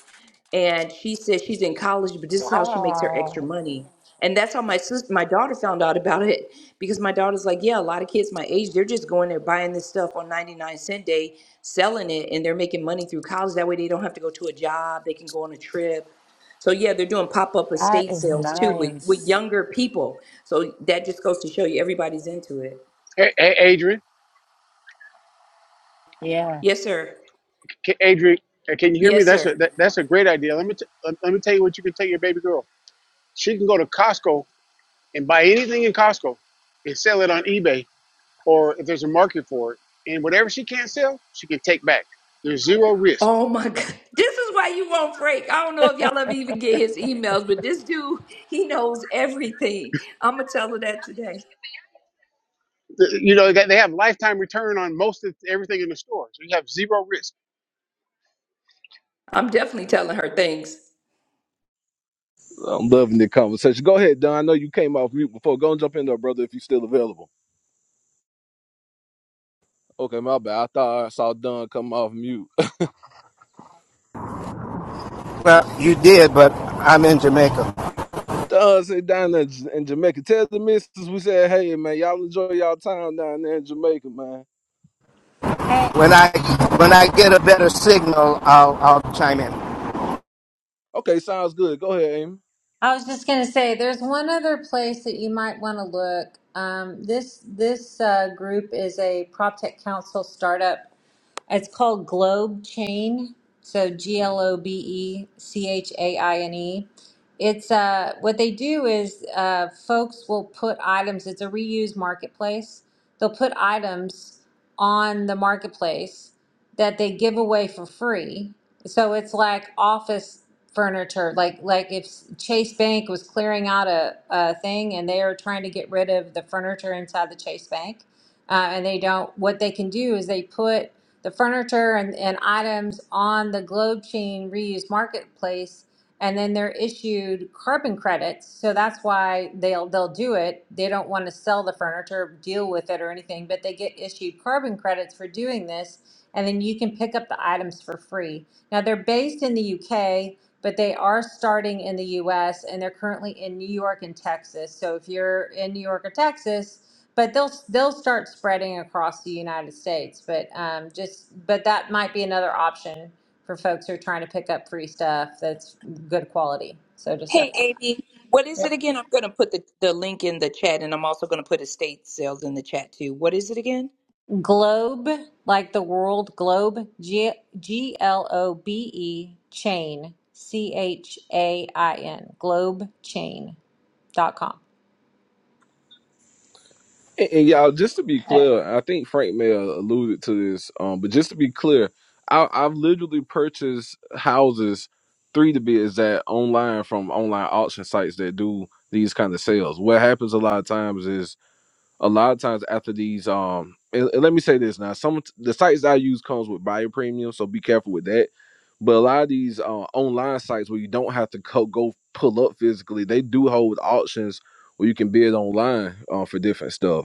[SPEAKER 4] and she says she's in college, but this is how she makes her extra
[SPEAKER 11] Wow,
[SPEAKER 4] money. And that's how my sister, my daughter found out about it because my daughter's like, yeah, a lot of kids my age, they're just going there buying this stuff on 99 cent day, selling it, and they're making money through college. That way they don't have to go to a job. They can go on a trip. So yeah, they're doing pop-up
[SPEAKER 11] that
[SPEAKER 4] estate
[SPEAKER 11] is
[SPEAKER 4] sales too with, with
[SPEAKER 11] nice.
[SPEAKER 4] younger people. So that just goes to show you everybody's into it.
[SPEAKER 9] Hey, hey Adrian,
[SPEAKER 4] Yes, sir.
[SPEAKER 9] Adrian, uh, can you hear me?
[SPEAKER 4] Yes,
[SPEAKER 9] That's
[SPEAKER 4] sir.
[SPEAKER 9] a that, that's a great idea. Let me t- let me tell you what you can tell your baby girl. She can go to Costco and buy anything in Costco and sell it on eBay or if there's a market for it. And whatever she can't sell, she can take back. There's zero risk
[SPEAKER 4] Oh my God. This is why you want Frank. I don't know if y'all ever even get his emails, but this dude, he knows everything. I'm going to tell her that today.
[SPEAKER 9] you know that they have lifetime return on most of everything in the store so you have zero risk
[SPEAKER 4] I'm definitely telling her things.
[SPEAKER 1] I'm loving the conversation. Go ahead, Don. I know you came off mute before. Go and jump in there, brother, if you're still available. Okay, my bad. I thought I saw Don come off mute.
[SPEAKER 10] Well, you did, but I'm in Jamaica.
[SPEAKER 1] Don said down there in J- in Jamaica. Tell the missus we said, hey, man, y'all enjoy y'all time down there in Jamaica, man.
[SPEAKER 7] Hey,
[SPEAKER 10] When I when I get a better signal, I'll I'll chime in.
[SPEAKER 1] Okay, sounds good. Go ahead, Amy.
[SPEAKER 7] I was just gonna say, there's one other place that you might want to look. Um, this this uh, group is a prop council startup It's called Globe Chain. So G L O B E C H A I N E. It's uh, what they do is uh, folks will put items, it's a reuse marketplace. They'll put items on the marketplace that they give away for free. So it's like office furniture, like like if Chase Bank was clearing out a, a thing and they are trying to get rid of the furniture inside the Chase Bank, uh, and they don't. What they can do is they put the furniture and, and items on the Globe Chain reused marketplace, and then they're issued carbon credits. So that's why they'll they'll do it. They don't want to sell the furniture, deal with it, or anything, but they get issued carbon credits for doing this, and then you can pick up the items for free. Now they're based in the UK. But they are starting in the US and they're currently in New York and Texas. So if you're in New York or Texas, but they'll they'll start spreading across the United States. But um, just but that might be another option for folks who are trying to pick up free stuff that's good quality. So just F-
[SPEAKER 4] Hey, Amy, what is
[SPEAKER 7] yeah.
[SPEAKER 4] it again? I'm going to put the, the link in the chat and I'm also going to put estate sales in the chat too. What is it again?
[SPEAKER 7] Globe, like the world globe, G G L O B E chain, C H A I N, globe chain dot com.
[SPEAKER 1] And, and y'all, just to be clear, I think Frank may have alluded to this, um, but just to be clear, I, I've literally purchased houses, three to be exact, online from online auction sites that do these kind of sales. What happens a lot of times is a lot of times after these, um, and, and let me say this now, some of t- the sites I use comes with buyer premium, so be careful with that. But a lot of these uh, online sites where you don't have to co- go pull up physically, they do hold auctions where you can bid online uh, for different stuff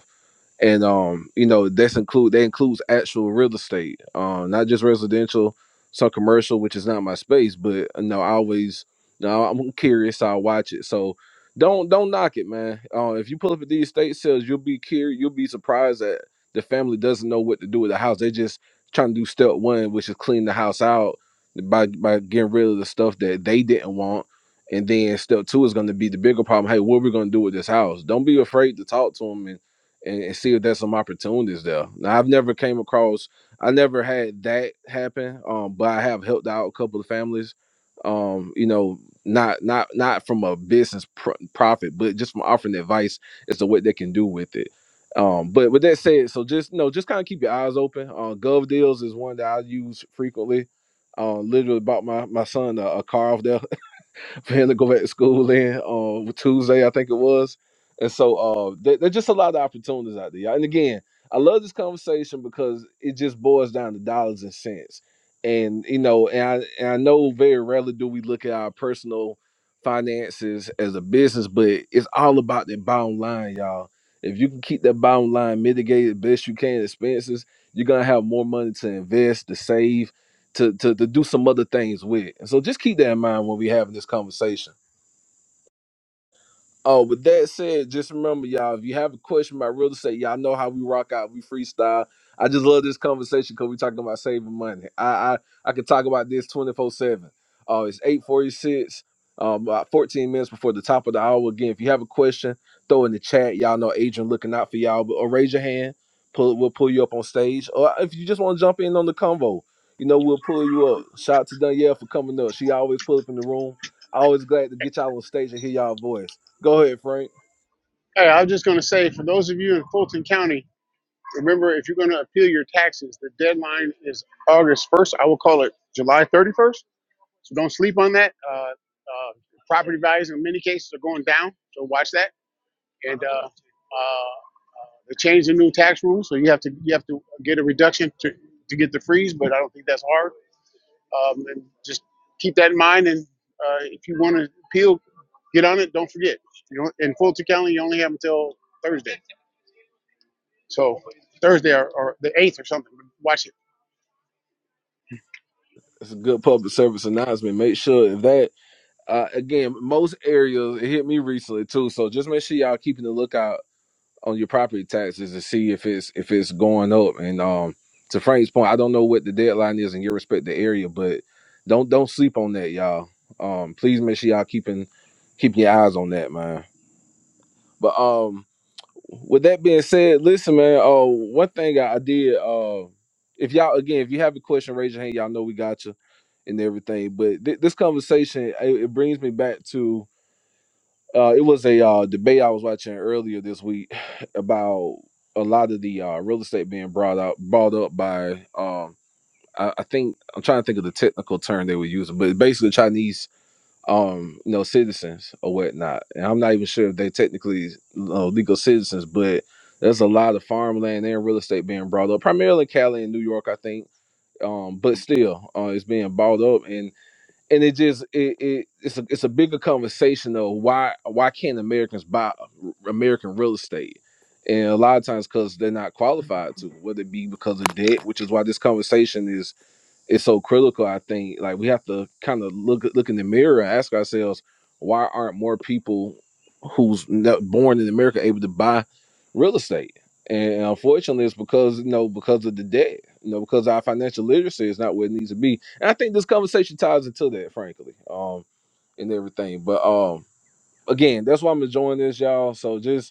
[SPEAKER 1] and um you know that's include that includes actual real estate um not just residential some commercial which is not my space but you know i always you know, i'm curious so i watch it so don't don't knock it man uh, if you pull up at these estate sales you'll be curious you'll be surprised that the family doesn't know what to do with the house they just trying to do step one which is clean the house out by by getting rid of the stuff that they didn't want and then step two is going to be the bigger problem hey what are we going to do with this house don't be afraid to talk to them and, and see if there's some opportunities there. Now I've never came across I never had that happen. Um, but I have helped out a couple of families. Um, you know, not not not from a business pr- profit, but just from offering advice as to what they can do with it. Um, but with that said, so just you know, just kind of keep your eyes open. Uh, Gov Deals is one that I use frequently. Uh, literally bought my my son a, a car off there for him to go back to school then on Tuesday, I think it was. And so uh, there, there's just a lot of opportunities out there. y'all. And again, I love this conversation because it just boils down to dollars and cents. And you know, and I and I know very rarely do we look at our personal finances as a business, but it's all about the bottom line, y'all. If you can keep that bottom line mitigated best you can expenses, you're gonna have more money to invest, to save, to to to do some other things with. And so just keep that in mind when we having this conversation. Oh, with that said, just remember, y'all, if you have a question about real estate, y'all know how we rock out, we freestyle. I just love this conversation because we talking about saving money. I I, I could talk about this 24-7. Oh, it's 846, um, about 14 minutes before the top of the hour. Again, if you have a question, throw in the chat. Y'all know Adrian looking out for y'all, but or raise your hand. Pull, we'll pull you up on stage. Or if you just want to jump in on the convo, you know, we'll pull you up. Shout out to Danielle for coming up. She always pull up in the room. Always glad to get y'all on stage and hear y'all voice. Go ahead, Frank.
[SPEAKER 9] hey i was just going to say for those of you in fulton county remember if you're going to appeal your taxes the deadline is august 1st i will call it july 31st so don't sleep on that uh, uh, property values in many cases are going down so watch that and uh, uh, they changed the new tax rules so you have to you have to get a reduction to, to get the freeze but i don't think that's hard Um, and just keep that in mind. And uh, if you want to appeal, get on it. Don't forget. You know, in Fulton County, you only have until Thursday. So Thursday or, or the eighth or something. Watch it.
[SPEAKER 1] It's a good public service announcement. Make sure if that uh, again, most areas it hit me recently too. So just make sure y'all keeping the lookout on your property taxes to see if it's if it's going up. And um, to Frank's point, I don't know what the deadline is in your respective area, but don't don't sleep on that, y'all. Um, please make sure y'all keeping keeping your eyes on that, man. But um, with that being said, listen, man. Uh, one thing I I did. Uh, if y'all again, if you have a question, raise your hand. Y'all know we got you and everything. But th- this conversation, it, it brings me back to. Uh, it was a uh, debate I was watching earlier this week about a lot of the uh, real estate being brought out, brought up by. Um, I, I think I'm trying to think of the technical term they were using, but basically Chinese um, you know, citizens or whatnot. And I'm not even sure if they technically you know, legal citizens, but there's a lot of farmland and real estate being brought up, primarily Cali and New York, I think. Um, but still, uh, it's being bought up, and and it just it, it it's a it's a bigger conversation of why why can't Americans buy uh, American real estate? And a lot of times because they're not qualified to, whether it be because of debt, which is why this conversation is it's so critical. I think like we have to kind of look look in the mirror and ask ourselves why aren't more people who's not born in America able to buy real estate? And unfortunately, it's because you know because of the debt, you know, because our financial literacy is not where it needs to be. And I think this conversation ties into that, frankly, um, and everything. But um, again, that's why I'm enjoying this, y'all. So just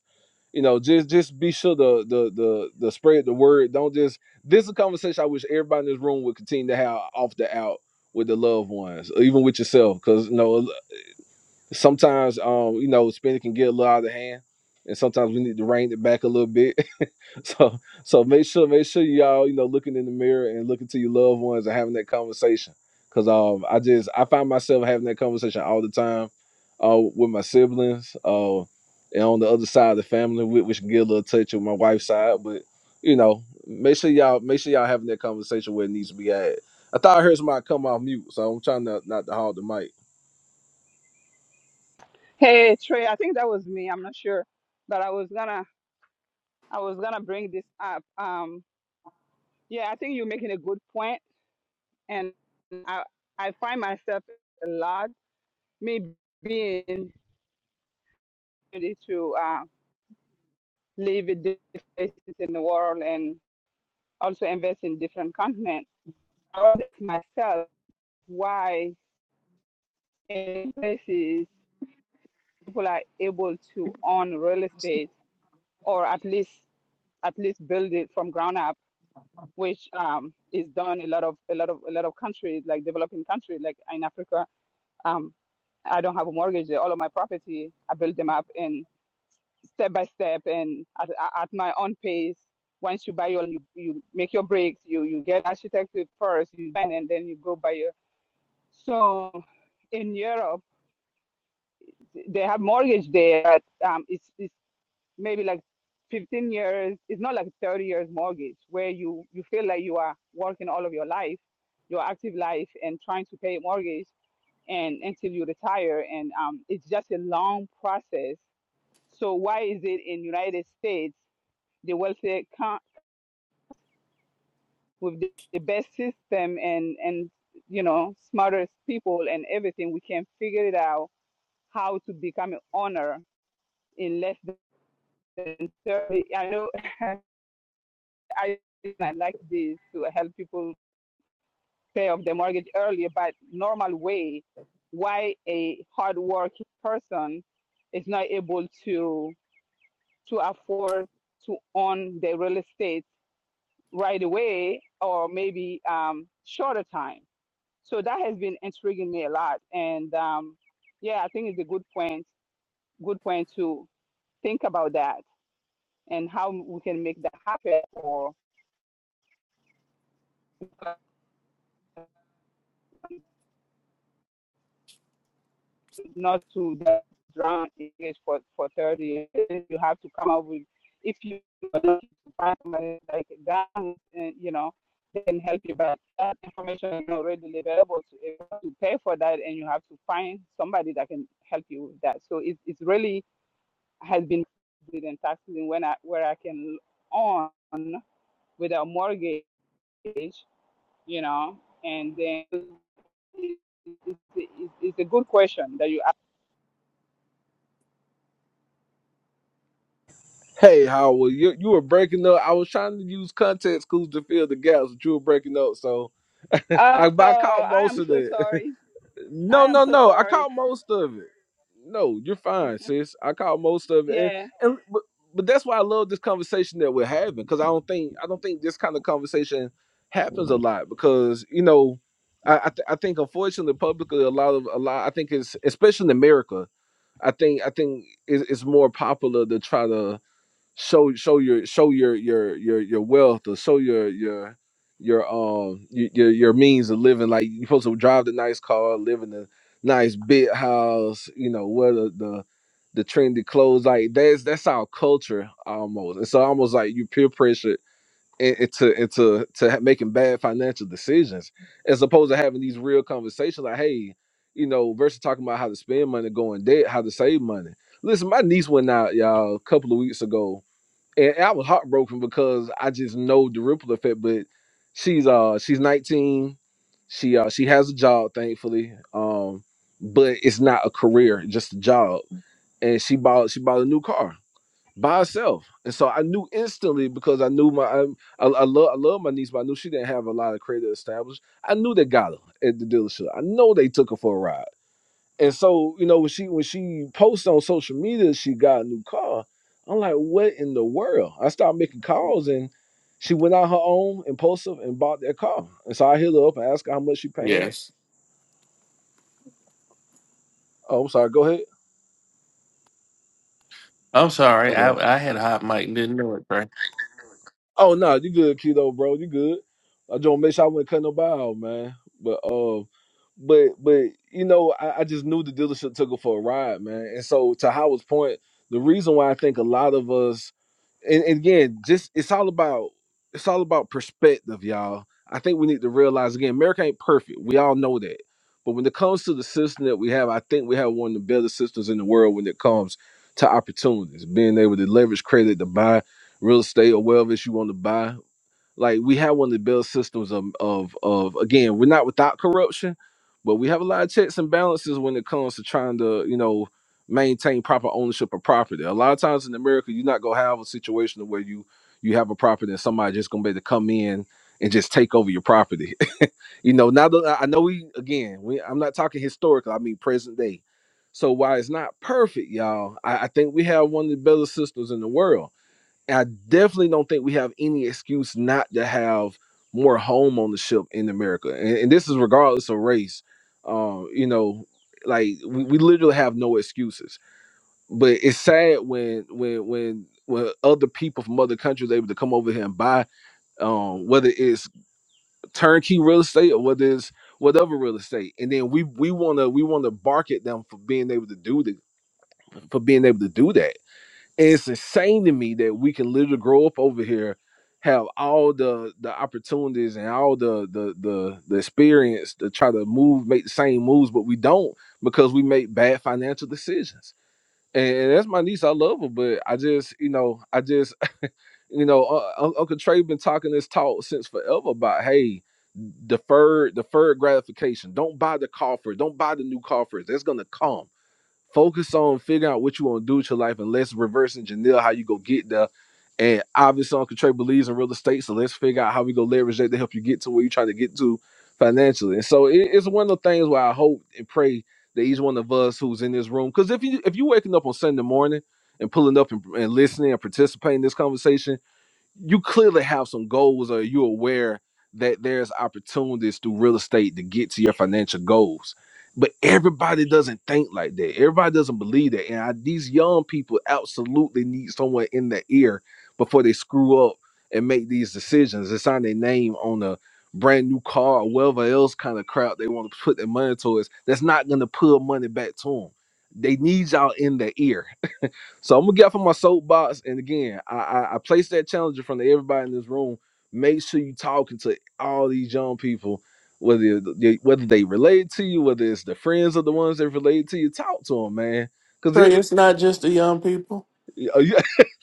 [SPEAKER 1] you know, just just be sure the the the the spread the word. Don't just this is a conversation I wish everybody in this room would continue to have off the out with the loved ones, or even with yourself, because you know sometimes um you know spending can get a little out of hand, and sometimes we need to rein it back a little bit So so make sure make sure y'all you know looking in the mirror and looking to your loved ones and having that conversation. Cause um I just I find myself having that conversation all the time, uh with my siblings, uh and on the other side of the family, whi- which can get a little touch with my wife's side, but you know make sure y'all make sure y'all having that conversation where it needs to be at. I thought I heard somebody come off mute, so I'm trying to not to hog the mic.
[SPEAKER 5] Hey, Trey, I think that was me. I'm not sure, but I was gonna. I was gonna bring this up. Um, yeah, I think you're making a good point, and I I find myself a lot maybe being ready to uh, live in different places in the world and also invest in different continents. I ask myself why in places people are able to own real estate or at least at least build it from ground up, which um, is done a lot of a lot of a lot of countries like developing countries like in Africa Um, I don't have a mortgage. there. All of my property, I built them up and step by step and at, at my own pace. Once you buy your, you, you make your breaks, you, you get architect first, you buy and then you go buy your. So in Europe, they have mortgage there, but um, it's, it's maybe like 15 years. It's not like 30 years mortgage where you, you feel like you are working all of your life, your active life and trying to pay mortgage and until you retire and um, it's just a long process so why is it in united states the wealthier co- with the, the best system and and you know smartest people and everything we can figure it out how to become an owner in less than 30 i know i I like this to help people pay off their mortgage earlier but normal way why a hardworking person is not able to to afford to own the real estate right away or maybe um, shorter time. So that has been intriguing me a lot. And um, yeah, I think it's a good point, good point to think about that and how we can make that happen for not to drown in it for, for 30 years. You have to come up with, if you find somebody like that, you know, they can help you. But that information is not readily available. So you have to pay for that and you have to find somebody that can help you with that. So it, it's really has been good in taxes and when I, where I can own without mortgage, you know, and then it's, it's, it's a good question that you
[SPEAKER 1] Hey, Howard, you you were breaking up. I was trying to use context clues to fill the gaps, but you were breaking up. So
[SPEAKER 5] Oh,
[SPEAKER 1] I, but I caught
[SPEAKER 5] I
[SPEAKER 1] most
[SPEAKER 5] am
[SPEAKER 1] of
[SPEAKER 5] so
[SPEAKER 1] it.
[SPEAKER 5] sorry. I
[SPEAKER 1] No,
[SPEAKER 5] am
[SPEAKER 1] no,
[SPEAKER 5] so
[SPEAKER 1] no. I
[SPEAKER 5] sorry.
[SPEAKER 1] caught most of it. No, you're fine, sis. I caught most of it, and
[SPEAKER 5] Yeah.
[SPEAKER 1] and but, but that's why I love this conversation that we're having because I don't think I don't think this kind of conversation happens a lot because you know I I, th- I think unfortunately publicly a lot of a lot I think it's especially in America I think I think it, it's more popular to try to show show your show your your your your wealth or show your your your um y- your your means of living. Like you're supposed to drive the nice car, live in the nice big house, you know, wear the the, the trendy clothes. Like that's that's our culture almost. It's almost like you peer pressured in- into into to ha- making bad financial decisions as opposed to having these real conversations like, hey, you know, versus talking about how to spend money, going debt, how to save money. Listen, my niece went out, y'all, a couple of weeks ago and I was heartbroken because I just know the ripple effect. But she's uh she's 19. She uh she has a job, thankfully. Um, but it's not a career, just a job. And she bought she bought a new car by herself. And so I knew instantly because I knew my I I, I love I love my niece, but I knew she didn't have a lot of credit established. I knew they got her at the dealership. I know they took her for a ride. And so, you know, when she when she posts on social media she got a new car, I'm like, what in the world? I started making calls and she went out her own impulsive and bought that car. And so I hit her up and asked her how much she paying.
[SPEAKER 2] yes.
[SPEAKER 1] Oh, I'm sorry, go ahead.
[SPEAKER 2] I'm sorry.
[SPEAKER 1] Okay.
[SPEAKER 2] I, I had a hot mic and didn't know it, Trey.
[SPEAKER 1] Oh no, you good, keto, bro. You good. I just want to make sure I wouldn't cut nobody out, man. But uh, but but you know, I, I just knew the dealership took it for a ride, man. And so to Howard's point, the reason why I think a lot of us, and, and again, just it's all about it's all about perspective, y'all. I think we need to realize again, America ain't perfect. We all know that. But when it comes to the system that we have, I think we have one of the better systems in the world when it comes to opportunities, being able to leverage credit to buy real estate or whatever else you want to buy. Like we have one of the best systems of, of of again, we're not without corruption, but we have a lot of checks and balances when it comes to trying to, you know, maintain proper ownership of property. A lot of times in America, you're not gonna have a situation where you you have a property and somebody just gonna be able to come in and just take over your property. you know, now that I I know we again, we I'm not talking historical, I mean present day. So while it's not perfect, y'all, I, I think we have one of the better systems in the world and I definitely don't think we have any excuse not to have more home homeownership in America. And, and this is regardless of race. Um, you know, like we, we literally have no excuses. But it's sad when when when when other people from other countries able to come over here and buy um whether it's turnkey real estate or whether it's whatever real estate. And then we we wanna we wanna bark at them for being able to do the for being able to do that and it's insane to me that we can literally grow up over here, have all the the opportunities and all the the the the experience to try to move, make the same moves, but we don't because we make bad financial decisions. And, and that's my niece. I love her, but I just, you know, I just, you know, uh, Un- Uncle Trey been talking this talk since forever about, hey, deferred, deferred gratification. Don't buy the car first. Don't buy the new car first. That's gonna come. Focus on figuring out what you want to do with your life and let's reverse engineer how you go get there. And obviously Uncle Trey believes in real estate, so let's figure out how we go leverage that to help you get to where you're trying to get to financially. And so it- it's one of the things where I hope and pray that each one of us who's in this room, because if you if you waking up on Sunday morning and pulling up and, and listening and participating in this conversation you clearly have some goals or you're aware that there's opportunities through real estate to get to your financial goals but everybody doesn't think like that everybody doesn't believe that and I, these young people absolutely need someone in their ear before they screw up and make these decisions and sign their name on a brand new car or whatever else kind of crap they want to put their money towards that's not going to pull money back to them they need y'all in their ear so I'm gonna get off of my soapbox, and again, I, I I place that challenge in front of everybody in this room. Make sure you talking to all these young people, whether you- they, whether they relate to you, whether it's the friends or the ones that relate to you. Talk to them, man, because
[SPEAKER 2] Trey,
[SPEAKER 1] it,
[SPEAKER 2] it's not just the young people.
[SPEAKER 1] it- uh, yeah,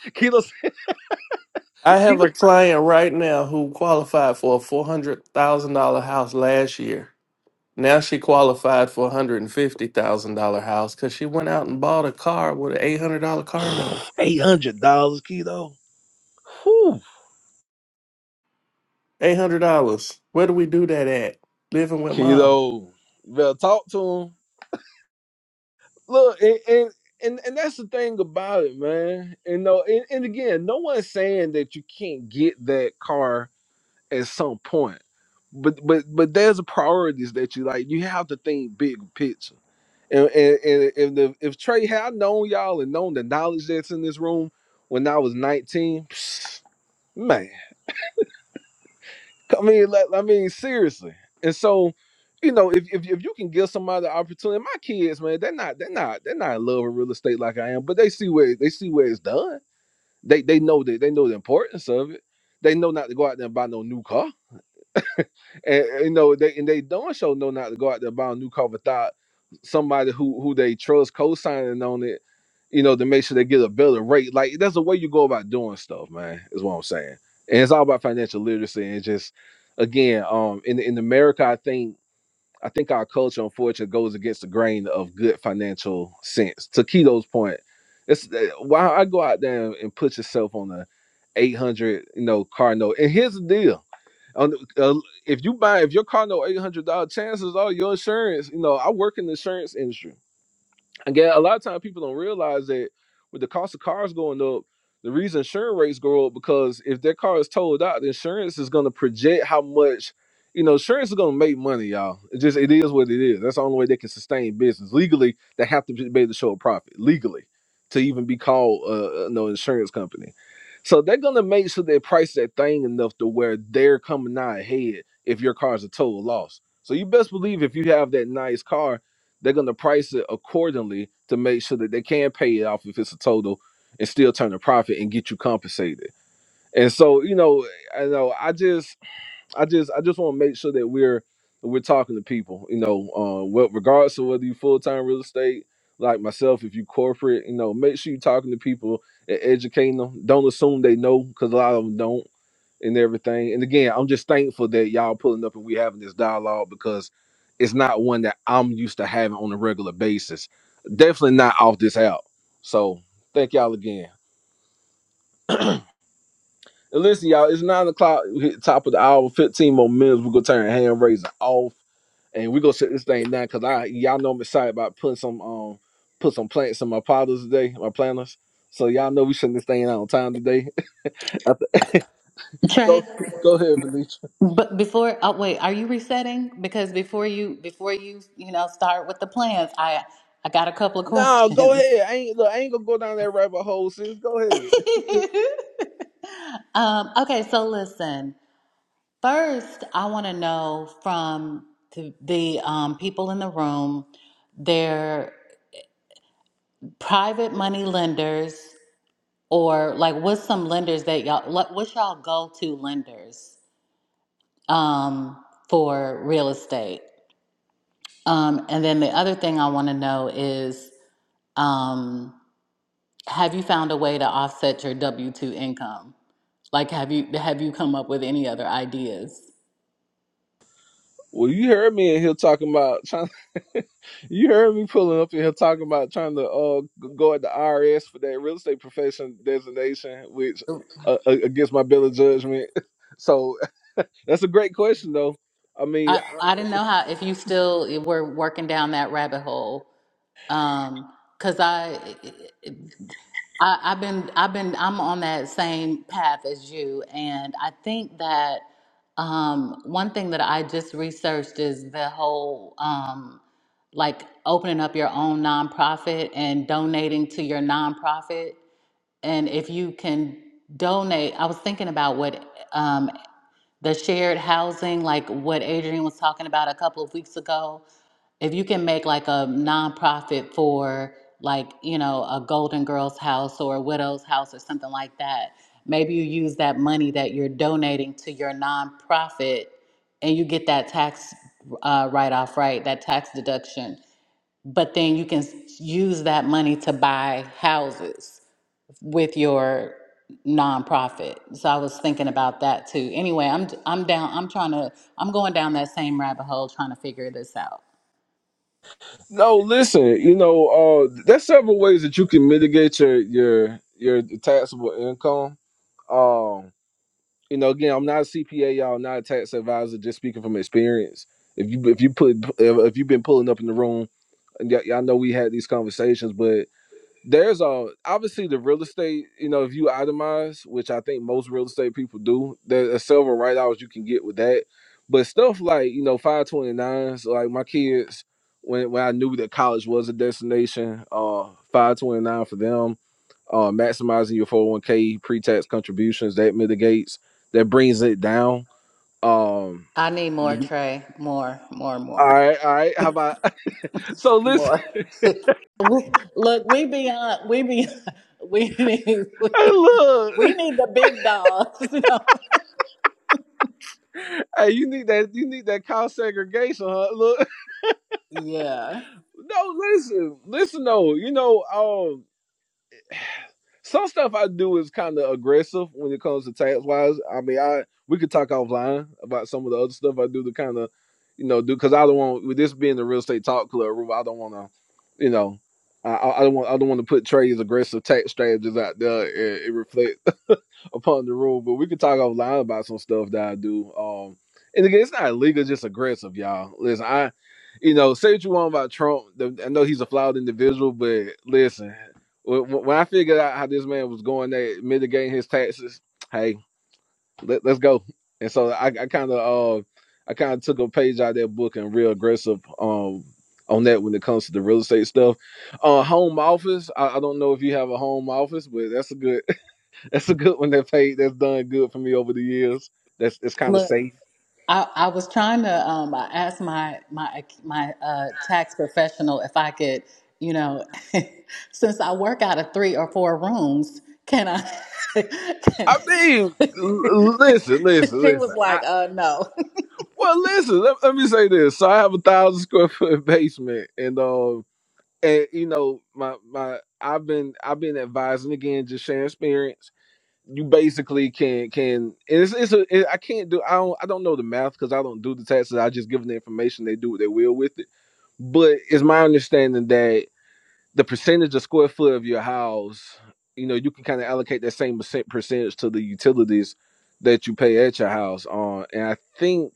[SPEAKER 1] keto
[SPEAKER 2] I have a client right now who qualified for a $400,000 house last year Now she qualified for a hundred and fifty thousand dollar house because she went out and bought a car with an eight hundred dollar car note.
[SPEAKER 1] eight hundred dollars keto, Whew,
[SPEAKER 2] Eight hundred dollars. Where do we do that at? Living with mom.
[SPEAKER 1] keto. You better talk to them. Look, and, and and and that's the thing about it, man. And no, and, and again, no one's saying that you can't get that car at some point. But but but there's priorities that you like. You have to think big picture. And and, and if the, if Trey had known y'all and known the knowledge that's in this room when I was 19, man, I mean, like, I mean, seriously. And so, you know, if, if if you can give somebody the opportunity, my kids, man, they're not they're not they're not in love with real estate like I am, but they see where they see where it's done. They they know that they know the importance of it. They know not to go out there and buy no new car and you know they and they don't show know not to go out there buy a new car without somebody who who they trust co-signing on it you know to make sure they get a better rate like that's the way you go about doing stuff man is what i'm saying and it's all about financial literacy and just again um in in america i think i think our culture unfortunately goes against the grain of good financial sense to keto's point it's uh, why i go out there and put yourself on a 800 you know car note and here's the deal on uh, if you buy if your car no eight hundred dollar chances are your insurance. You know, I work in the insurance industry. Again, a lot of times people don't realize that with the cost of cars going up, the reason insurance rates go up because if their car is totaled out, the insurance is going to project how much, you know, insurance is going to make money, y'all. It just it is what it is. That's the only way they can sustain business legally. They have to be able to show a profit legally to even be called, uh, uh, no insurance company. So they're going to make sure they price that thing enough to where they're coming out ahead if your car is a total loss. So you best believe if you have that nice car they're going to price it accordingly to make sure that they can pay it off if it's a total and still turn a profit and get you compensated. And so, you know, I know I just I just I just want to make sure that we're we're talking to people, you know, uh what regardless of whether you full-time real estate like myself, if you corporate, you know, make sure you're talking to people and educating them. Don't assume they know because a lot of them don't and everything. And again, I'm just thankful that y'all pulling up and we having this dialogue because it's not one that I'm used to having on a regular basis. Definitely not off this out. So thank y'all again. And listen, y'all, it's nine o'clock. We hit the top of the hour, 15 more minutes. We're gonna turn hand raising off and we're gonna shut this thing down because I y'all know I'm excited about putting some um put some plants in my potters today, my planters. So y'all know we shutting this thing out on time today. go go ahead, Venetia.
[SPEAKER 3] But before, oh wait, are you resetting? Because before you, before you, you know, start with the plans, I, I got a couple of
[SPEAKER 1] No, go
[SPEAKER 3] questions.
[SPEAKER 1] ahead. I ain't look, I ain't gonna go down that rabbit hole, sis. Go ahead.
[SPEAKER 3] um, okay, so listen. First, I want to know from the, the um, people in the room, their private money lenders, or like, what's some lenders that y'all, like, what's y'all go-to lenders um, for real estate? Um, and then the other thing I want to know is um, have you found a way to offset your W two income? Like, have you have you come up with any other ideas?
[SPEAKER 1] Well, you heard me in here talking about trying. You heard me pulling up in here talking about trying to uh go at the IRS for that real estate profession designation, which uh, uh, against my bill of judgment. So that's a great question, though. I mean,
[SPEAKER 3] I
[SPEAKER 1] I,
[SPEAKER 3] I didn't know how if you still were working down that rabbit hole, because I I, I've been, I've been, I'm on that same path as you, and I think that um, one thing that I just researched is the whole um, like opening up your own nonprofit and donating to your nonprofit, and if you can donate, I was thinking about what um, the shared housing, like what Adrian was talking about a couple of weeks ago if you can make like a nonprofit for like you know a golden girls house or a widow's house or something like that maybe you use that money that you're donating to your nonprofit and you get that tax uh, write-off right that tax deduction but then you can s- use that money to buy houses with your nonprofit so i was thinking about that too anyway i'm i'm down i'm trying to i'm going down that same rabbit hole trying to figure this out
[SPEAKER 1] no, listen. You know, uh, there's several ways that you can mitigate your your your taxable income. um. you know, again, I'm not a CPA, y'all, I'm not a tax advisor, just speaking from experience. If you if you put if, you've been pulling up in the room, and y'all know we had these conversations, but there's a obviously the real estate you know if you itemize which i think most real estate people do there's several right hours you can get with that but stuff like you know 529s like my kids when, when i knew that college was a destination uh 529 for them uh maximizing your 401k pre-tax contributions that mitigates that brings it down um
[SPEAKER 3] I need more, Trey. More, more,
[SPEAKER 1] all
[SPEAKER 3] more,
[SPEAKER 1] right all right how about so listen
[SPEAKER 3] more. We, look, we beyond, we be, we need, we,
[SPEAKER 1] look
[SPEAKER 3] we need the big dogs. You know?
[SPEAKER 1] Hey, you need that. You need that cow segregation, huh? Look,
[SPEAKER 3] Yeah.
[SPEAKER 1] no, listen, listen. though. you know, um, some stuff I do is kind of aggressive when it comes to tax wise. I mean, I we could talk offline about some of the other stuff I do to kind of, you know, do because I don't want with this being the real estate talk club room. I don't want to, you know, I, I I don't want I don't want to put Trey's aggressive tax strategies out there. It, it reflect. upon the rule, but we could talk offline about some stuff that I do. Um, and again, it's not illegal, it's just aggressive, y'all. Listen, I, you know, say what you want about Trump. I know he's a flawed individual, but listen, when, when I figured out how this man was going there, mitigating his taxes, hey, let, let's go. And so I, I kind of, uh, I kind of took a page out of that book and real aggressive, um, on that when it comes to the real estate stuff. Uh, home office. I, I don't know if you have a home office, but that's a good. That's a good one that paid. That's done good for me over the years. That's it's kind of
[SPEAKER 3] Look,
[SPEAKER 1] safe.
[SPEAKER 3] I, I was trying to, um, I asked my, my, my, uh, tax professional if I could, you know, since I work out of three or four rooms, can I,
[SPEAKER 1] I
[SPEAKER 3] can-
[SPEAKER 1] mean, l- listen, listen,
[SPEAKER 3] she was
[SPEAKER 1] listen. I
[SPEAKER 3] like, uh, no.
[SPEAKER 1] well, listen. Let, let me say this. So I have a thousand square foot basement, and um, and you know, my my I've been I've been advising again, just sharing experience. You basically can can and it's it's a, it, I can't do I don't I don't know the math because I don't do the taxes. I just give them the information. They do what they will with it. But it's my understanding that the percentage of square foot of your house, you know, you can kind of allocate that same percent percentage to the utilities that you pay at your house on. And I think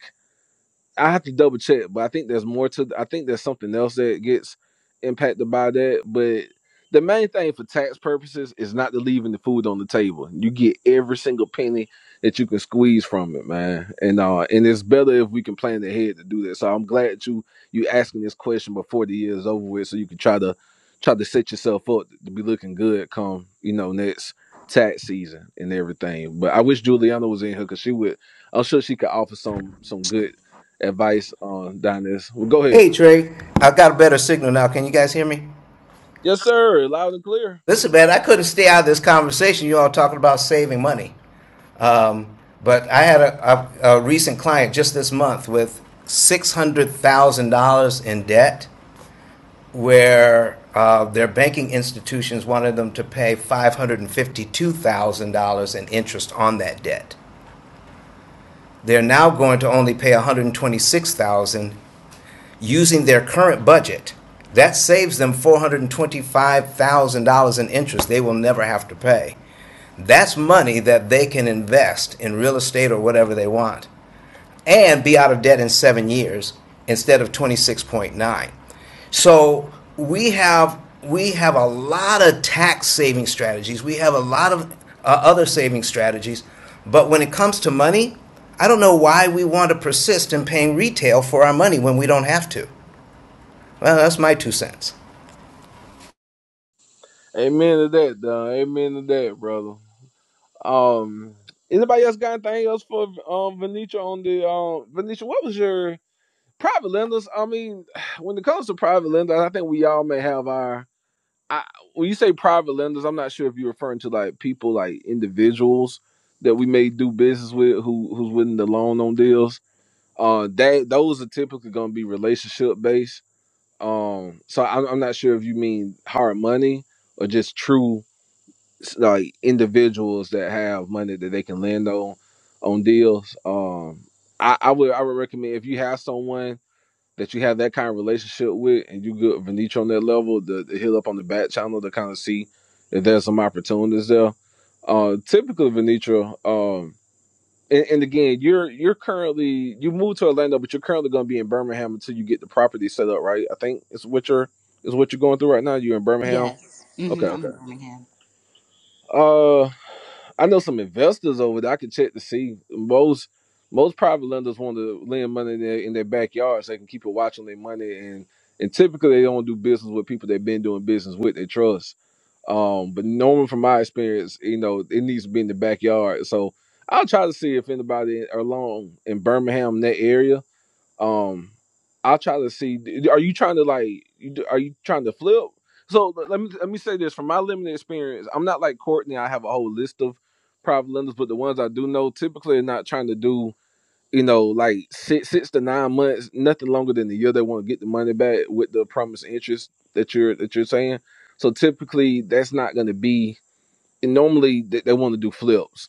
[SPEAKER 1] I have to double check, but I think there's more to. I think there's something else that gets impacted by that. But the main thing for tax purposes is not to leaving the food on the table. You get every single penny that you can squeeze from it, man. And uh, and it's better if we can plan ahead to do that. So I'm glad that you you asking this question before the year is over with, so you can try to try to set yourself up to be looking good come you know next tax season and everything. But I wish Juliana was in here because she would I'm sure she could offer some some good advice on down this. Well, go ahead.
[SPEAKER 10] Hey Trey, I have got a better signal now. Can you guys hear me?
[SPEAKER 1] Yes, sir. Loud and clear.
[SPEAKER 10] Listen, man, I couldn't stay out of this conversation. You all talking about saving money. Um, but I had a, a, a recent client just this month with six hundred thousand dollars in debt where uh, their banking institutions wanted them to pay $552,000 in interest on that debt. They're now going to only pay $126,000 using their current budget. That saves them $425,000 in interest they will never have to pay. That's money that they can invest in real estate or whatever they want and be out of debt in seven years instead of 26.9. So we have we have a lot of tax saving strategies. We have a lot of uh, other saving strategies, but when it comes to money, I don't know why we want to persist in paying retail for our money when we don't have to. Well, that's my two cents.
[SPEAKER 1] Amen to that, dog. Amen to that, brother. Um, anybody else got anything else for um Venetia on the um Venetia? What was your private lenders? I mean, when it comes to private lenders, I think we all may have our. I, when you say private lenders, I'm not sure if you're referring to like people like individuals that we may do business with who who's willing to loan on deals. Uh, that those are typically going to be relationship based Um, so I'm, I'm not sure if you mean hard money or just true s- like individuals that have money that they can lend on on deals. Um, I, I would I would recommend if you have someone that you have that kind of relationship with and you good Venetra on that level, to, to hit up on the back channel to kind of see if there's some opportunities there. Uh, typically Venetra and, and again, you're you're currently you moved to Orlando, but you're currently going to be in Birmingham until you get the property set up, right? I think it's what you're is what you're going through right now. You're in Birmingham.
[SPEAKER 3] Yes.
[SPEAKER 1] Okay,
[SPEAKER 3] hmm I'm
[SPEAKER 1] okay.
[SPEAKER 3] in Birmingham.
[SPEAKER 1] Uh, I know some investors over there. I can check to see most most private lenders want to lend money in their, in their backyard so they can keep a watch on their money and and typically they don't do business with people they've been doing business with. They trust. Um, but normally from my experience, you know, it needs to be in the backyard. So I'll try to see if anybody along in Birmingham in that area um, I'll try to see. Are you trying to like? you Are you trying to flip? So let let me let me say this from my limited experience. I'm not like Courtney. I have a whole list of private lenders, but the ones I do know typically are not trying to do you know like six six to nine months, nothing longer than a year. They want to get the money back with the promised interest that you're that you're saying. So typically, that's not going to be. And normally, they, they want to do flips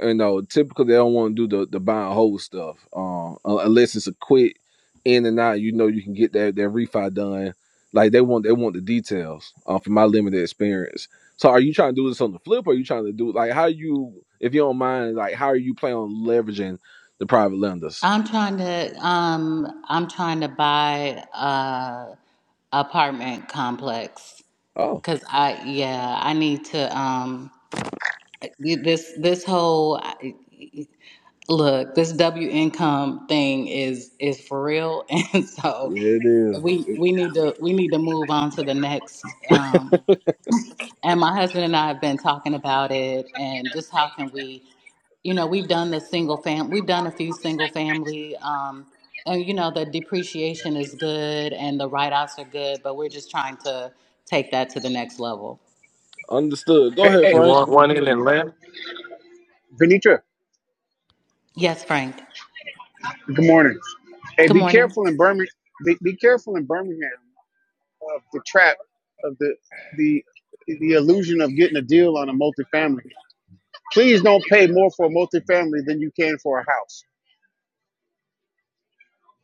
[SPEAKER 1] you know, typically they don't want to do the the buy and hold stuff. Um, unless it's a quick in and out, you know, you can get that that refi done. Like they want they want the details. Uh, from my limited experience. So, are you trying to do this on the flip, or are you trying to do like how you, if you don't mind, like how are you planning on leveraging the private lenders?
[SPEAKER 3] I'm trying to um I'm trying to buy a apartment complex
[SPEAKER 1] Oh,
[SPEAKER 3] cuz I yeah, I need to um this this whole look, this W income thing is is for real and so
[SPEAKER 1] yeah, it is.
[SPEAKER 3] we
[SPEAKER 1] It-
[SPEAKER 3] we need to we need to move on to the next um and my husband and I have been talking about it and just how can we you know we've done the single fam we've done a few single family um and you know the depreciation is good and the write-offs are good but we're just trying to take that to the next level
[SPEAKER 1] understood. Go
[SPEAKER 9] Hey,
[SPEAKER 1] ahead,
[SPEAKER 2] You
[SPEAKER 1] Frank.
[SPEAKER 2] want one in Atlanta?
[SPEAKER 9] hey, Venitra.
[SPEAKER 3] yes frank
[SPEAKER 9] Good morning. Hey,
[SPEAKER 3] good
[SPEAKER 9] be
[SPEAKER 3] morning
[SPEAKER 9] careful in Birmingham. Be, be careful in Birmingham of the trap of the the the illusion of getting a deal on a multifamily. Please don't pay more for a multifamily than you can for a house.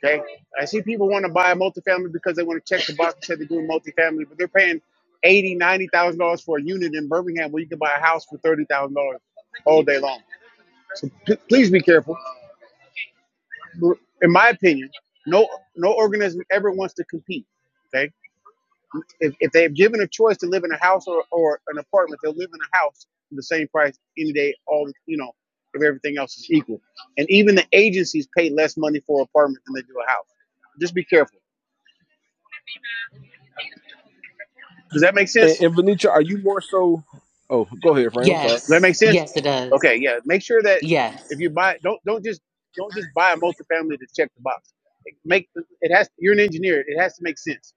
[SPEAKER 9] Okay, I see people want to buy a multifamily because they want to check the box and say they're doing multifamily, but they're paying eighty, ninety thousand dollars for a unit in Birmingham where you can buy a house for thirty thousand dollars all day long. So p- please be careful. In my opinion, no no organism ever wants to compete. Okay, if, if they're given a choice to live in a house or, or an apartment, they'll live in a house for the same price any day. All you know, if everything else is equal, and even the agencies pay less money for an apartment than they do a house. Just be careful. Does that make
[SPEAKER 1] And,
[SPEAKER 9] sense?
[SPEAKER 1] and Venetra, are you more so? Oh, go ahead, Frank. I'm sorry.
[SPEAKER 9] Does that
[SPEAKER 3] yes
[SPEAKER 9] make sense?
[SPEAKER 3] yes it does
[SPEAKER 9] Okay, yeah. Make sure that
[SPEAKER 3] yes
[SPEAKER 9] if you buy, don't don't just don't just buy a multifamily to check the box. It make it has. You're an engineer. It has to make sense.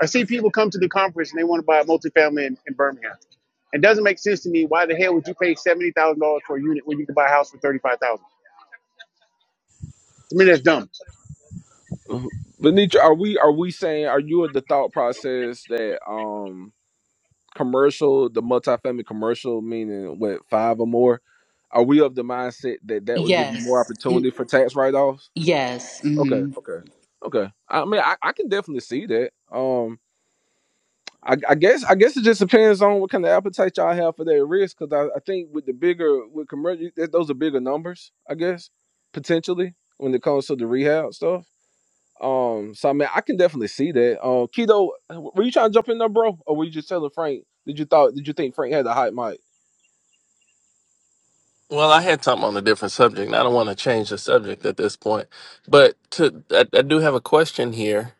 [SPEAKER 9] I see people come to the conference and they want to buy a multifamily in, in Birmingham. It doesn't make sense to me. Why the hell would you pay seventy thousand dollars for a unit when you could buy a house for thirty five thousand? To me, that's dumb.
[SPEAKER 1] Benitra, are we are we saying are you of the thought process that um commercial the multifamily commercial meaning with five or more are we of the mindset that that would give you more
[SPEAKER 3] yes Mm,
[SPEAKER 1] opportunity for tax write offs?
[SPEAKER 3] yes
[SPEAKER 1] Okay,
[SPEAKER 3] hmm
[SPEAKER 1] okay, okay. I mean, I, I can definitely see that. Um, I, I guess I guess it just depends on what kind of appetite y'all have for that risk because I, I think with the bigger with commercial that those are bigger numbers. I guess potentially when it comes to the rehab stuff. Um, so I mean, I can definitely see that. Um, Keto, were you trying to jump in there, bro, or were you just telling Frank? Did you thought? Did you think Frank had a hot mic?
[SPEAKER 2] Well, I had something on a different subject. and I don't want to change the subject at this point, but to I, I do have a question here,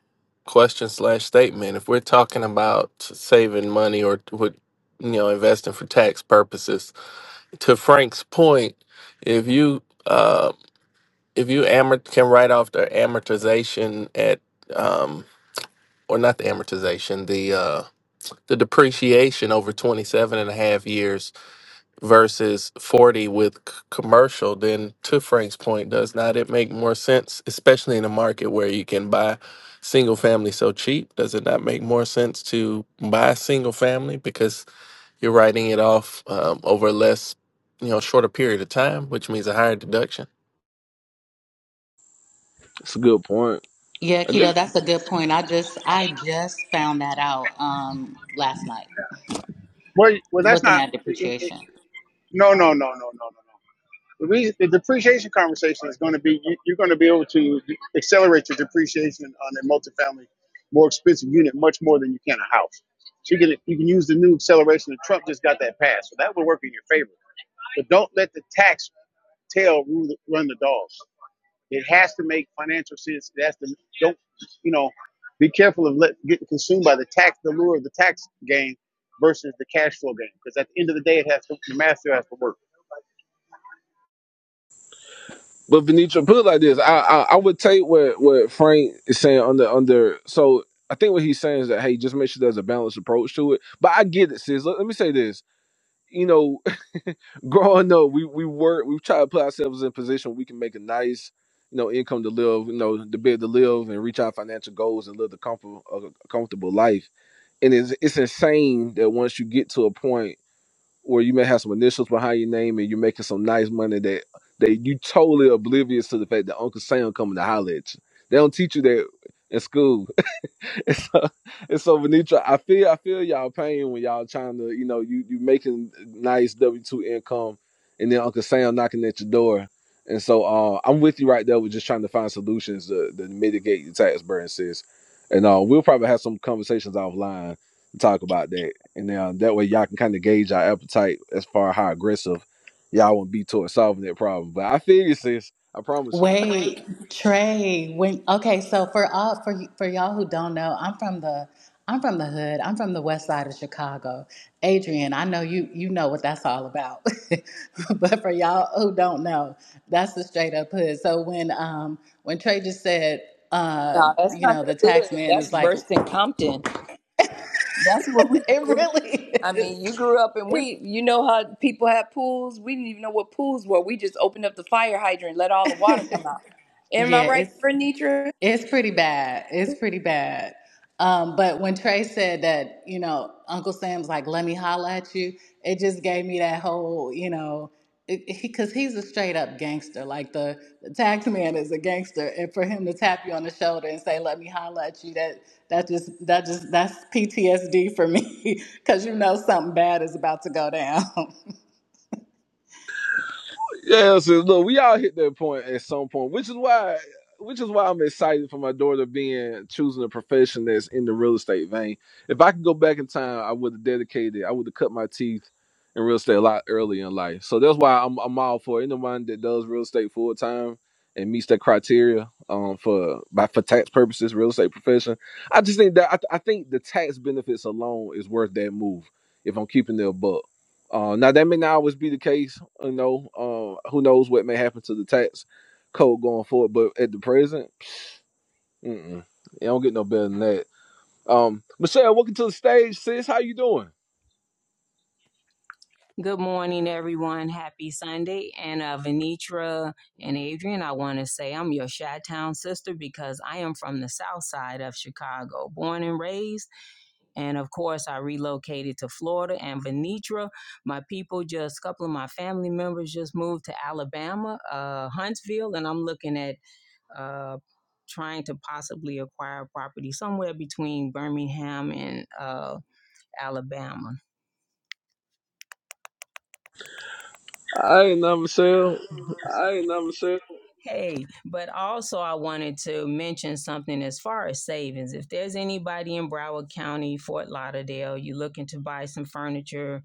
[SPEAKER 2] question slash statement. If we're talking about saving money or what you know investing for tax purposes, to Frank's point, if you uh, if you amort can write off the amortization at um or not the amortization the uh the depreciation over 27 and a half years versus 40 with c- commercial then to frank's point does not it make more sense especially in a market where you can buy single family so cheap does it not make more sense to buy single family because you're writing it off um, over a less you know shorter period of time which means a higher deduction
[SPEAKER 1] That's a good point.
[SPEAKER 3] yeah
[SPEAKER 1] I
[SPEAKER 3] keto
[SPEAKER 1] guess.
[SPEAKER 3] that's a good point i just i just found that out um last night
[SPEAKER 9] Well, well, that's
[SPEAKER 3] looking
[SPEAKER 9] not.
[SPEAKER 3] at
[SPEAKER 9] It, it,
[SPEAKER 3] depreciation
[SPEAKER 9] no, no, no, no, no, no. no. The, reason, the depreciation conversation is going to be you, you're going to be able to accelerate your depreciation on a multifamily, more expensive unit much more than you can a house. So you can you can use the new acceleration that Trump just got that passed, so that would work in your favor. But don't let the tax tail rule the, run the dogs. It has to make financial sense. It has to don't you know be careful of let, getting consumed by the tax the lure of the tax gain versus the cash flow gain because at the end of the day it has to the math still has to work.
[SPEAKER 1] But Venetra, put it like this: I, I I would take what what Frank is saying under under. So I think what he's saying is that hey, just make sure there's a balanced approach to it. But I get it, sis. Let, let me say this. You know, growing up, we we work, we try to put ourselves in a position where we can make a nice, you know, income to live, you know, to be able to live and reach our financial goals and live the comfort, a comfortable life and it's, it's insane that once you get to a point where you may have some initials behind your name and you're making some nice money that that you totally oblivious to the fact that Uncle Sam coming to holler at you. They don't teach you that in school and so, and so Venetra, I feel I feel y'all pain when y'all trying to, you know, you you making nice W two income, and then Uncle Sam knocking at your door. And so uh, I'm with you right there with just trying to find solutions to, to mitigate your tax burden, sis. And uh, we'll probably have some conversations offline to talk about that. And uh, that way y'all can kind of gauge our appetite as far as how aggressive y'all want to be towards solving that problem. But I feel you, sis. I promise you.
[SPEAKER 3] Wait, Trey. When okay, so for all for for y'all who don't know, I'm from the I'm from the hood. I'm from the west side of Chicago. Adrian, I know you you know what that's all about. but for y'all who don't know, that's the straight up hood. So when um when Trey just said uh
[SPEAKER 4] No, that's
[SPEAKER 3] you
[SPEAKER 4] not
[SPEAKER 3] know
[SPEAKER 4] the
[SPEAKER 3] the tax
[SPEAKER 4] hood.
[SPEAKER 3] man
[SPEAKER 4] That's
[SPEAKER 3] is like
[SPEAKER 4] worse than Compton. That's where we
[SPEAKER 3] it
[SPEAKER 4] grew up.
[SPEAKER 3] really
[SPEAKER 4] I
[SPEAKER 3] is.
[SPEAKER 4] mean, you grew up and
[SPEAKER 3] It,
[SPEAKER 4] we, you know how people had pools. We didn't even know what pools were. We just opened up the fire hydrant, and let all the water come out. Am I
[SPEAKER 3] yeah,
[SPEAKER 4] right,
[SPEAKER 3] it's
[SPEAKER 4] Renitra?
[SPEAKER 3] It's pretty bad. It's pretty bad. Um, but when Trey said that, you know, Uncle Sam's like, let me holla at you, it just gave me that whole, you know, because he's a straight up gangster. Like the, the tax man is a gangster. And for him to tap you on the shoulder and say, let me holla at you, that, that just, that just, that's PTSD for me because you know something bad is about to go down.
[SPEAKER 1] Yeah, so look, we all hit that point at some point, which is why which is why I'm excited for my daughter being choosing a profession that's in the real estate vein. If I could go back in time, I would have dedicated, I would have cut my teeth in real estate a lot earlier in life. So that's why I'm I'm all for anyone that does real estate full time and meets that criteria um for by for tax purposes, real estate profession. I just think that I, I think the tax benefits alone is worth that move if I'm keeping their buck. Uh, now that may not always be the case, you know. Uh, who knows what may happen to the tax code going forward? But at the present, mm-mm, it don't get no better than that. Um, Michelle, welcome to the stage, sis. How you doing?
[SPEAKER 12] Good morning, everyone. Happy Sunday. And uh, Venitra and Adrian, I want to say I'm your Chi Town sister because I am from the south side of Chicago, born and raised. And of course, I relocated to Florida. And Venitra, my people, just a couple of my family members just moved to Alabama, uh, Huntsville. And I'm looking at uh, trying to possibly acquire property somewhere between Birmingham and uh, Alabama.
[SPEAKER 1] I ain't know, Michelle.
[SPEAKER 12] I ain't never said Hey, but also I wanted to mention something as far as savings. If there's anybody in Broward County, Fort Lauderdale, you're looking to buy some furniture,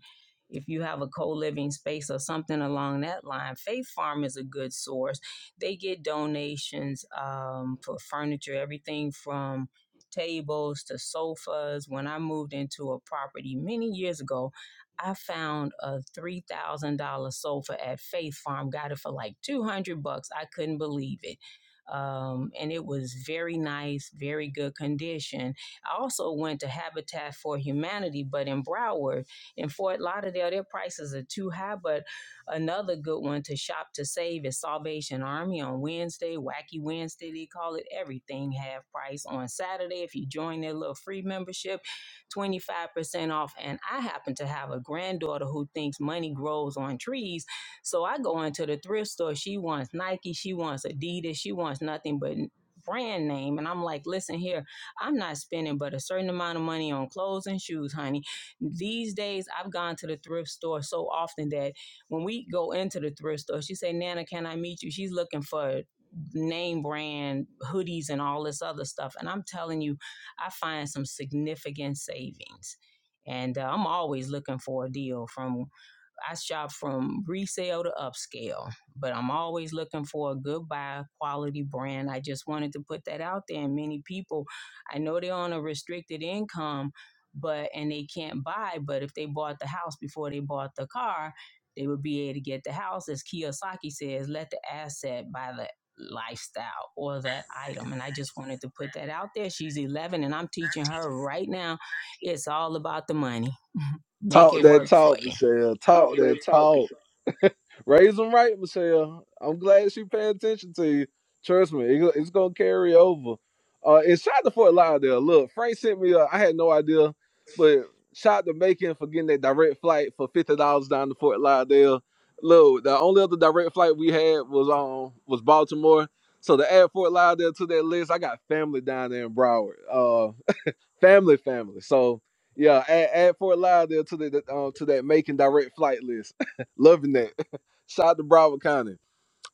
[SPEAKER 12] if you have a co-living space or something along that line, Faith Farm is a good source. They get donations um, for furniture, everything from tables to sofas. When I moved into a property many years ago, I found a three thousand dollar sofa at Faith Farm. Got it for like two hundred bucks. I couldn't believe it. Um, and it was very nice, very good condition. I also went to Habitat for Humanity, but in Broward, in Fort Lauderdale, their prices are too high. But another good one to shop to save is Salvation Army on Wednesday, Wacky Wednesday, they call it. Everything half price on Saturday if you join their little free membership 25% off. And I happen to have a granddaughter who thinks money grows on trees. So I go into the thrift store. She wants Nike, she wants Adidas, she wants nothing but brand name. And I'm like, listen here, I'm not spending but a certain amount of money on clothes and shoes, honey. These days I've gone to the thrift store so often that when we go into the thrift store, she say, Nana, can I meet you? She's looking for name brand hoodies and all this other stuff. And I'm telling you, I find some significant savings. And uh, I'm always looking for a deal from I shop from resale to upscale, but I'm always looking for a good buy, quality brand. I just wanted to put that out there. And many people, I know they're on a restricted income, but and they can't buy. But if they bought the house before they bought the car, they would be able to get the house. As Kiyosaki says, let the asset buy the lifestyle or that item. And I just wanted to put that out there. She's 11, and I'm teaching her right now. It's all about the money. Make
[SPEAKER 1] Talk
[SPEAKER 12] it
[SPEAKER 1] that
[SPEAKER 12] work for
[SPEAKER 1] talk,
[SPEAKER 12] you.
[SPEAKER 1] Michelle.
[SPEAKER 12] Talk
[SPEAKER 1] Talk
[SPEAKER 12] that
[SPEAKER 1] that
[SPEAKER 12] talk for
[SPEAKER 1] talk.
[SPEAKER 12] sure.
[SPEAKER 1] Raise them right, Michelle. I'm glad she paid attention to you. Trust me, it- it's gonna carry over. Uh, and shout out to Fort Lauderdale. Look, Frank sent me. A, I had no idea, but shout out to Macon for getting that direct flight for fifty dollars down to Fort Lauderdale. Look, the only other direct flight we had was on was Baltimore. So to add Fort Lauderdale to that list, I got family down there in Broward. Uh family, family. So yeah, add, add Fort Lauderdale to the uh, to that making direct flight list. Loving that. Shout out to Broward County.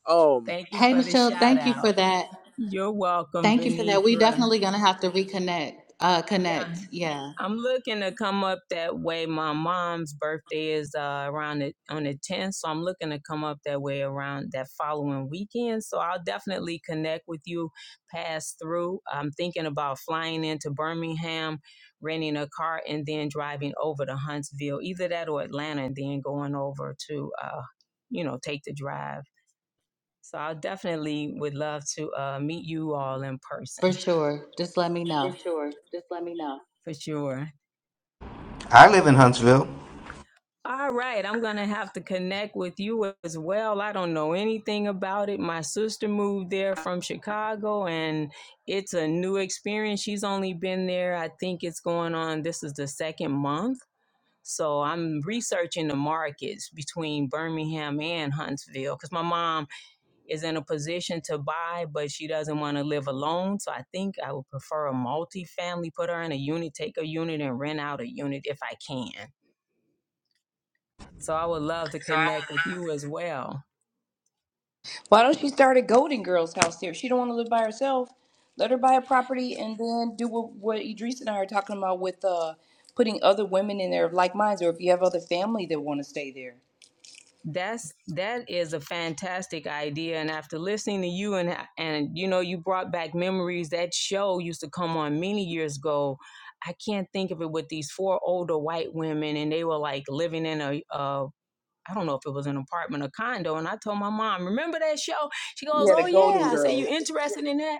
[SPEAKER 1] Um,
[SPEAKER 12] Thank you
[SPEAKER 3] Hey,
[SPEAKER 12] for the
[SPEAKER 3] Michelle,
[SPEAKER 12] shout
[SPEAKER 3] thank you for
[SPEAKER 12] out.
[SPEAKER 3] that.
[SPEAKER 12] You're welcome,
[SPEAKER 3] Thank you for that. We
[SPEAKER 12] Venitra.
[SPEAKER 3] definitely gonna have to reconnect, uh,
[SPEAKER 12] Yeah.
[SPEAKER 3] connect. Yeah.
[SPEAKER 12] I'm looking to come up that way. My mom's birthday is uh, around the, on the 10th, so I'm looking to come up that way around that following weekend. So I'll definitely connect with you, pass through. I'm thinking about flying into Birmingham, renting a car, and then driving over to Huntsville, either that or Atlanta, and then going over to, uh, you know, take the drive. So I definitely would love to uh, meet you all in person
[SPEAKER 3] For sure. Just let me
[SPEAKER 12] For
[SPEAKER 3] know.
[SPEAKER 12] sure. Just let me know. for sure.
[SPEAKER 10] I live in Huntsville.
[SPEAKER 12] All right, I'm gonna have to connect with you as well. I don't know anything about it. My sister moved there from Chicago and it's a new experience. She's only been there, I think it's going on, this is the second month. So I'm researching the markets between Birmingham and Huntsville because my mom is in a position to buy, but she doesn't want to live alone. So I think I would prefer a multi-family, put her in a unit, take a unit and rent out a unit if I can. So I would love to connect with you as well.
[SPEAKER 4] Why don't she start a Golden Girls house there? She don't want to live by herself. Let her buy a property and then do what, what Idris and I are talking about with uh, putting other women in there of like minds, or if you have other family that want to stay there.
[SPEAKER 12] That's that is a fantastic idea. And after listening to you and and you know you brought back memories. That show used to come on many years ago. I can't think of it with these four older white women, and they were like living in a uh I a I don't know if it was an apartment or condo, and I told my mom, "Remember that show?" She goes,
[SPEAKER 4] Yeah, the
[SPEAKER 12] "Oh
[SPEAKER 4] Golden
[SPEAKER 12] yeah." I say, "You
[SPEAKER 4] Girls.
[SPEAKER 12] interested in that?"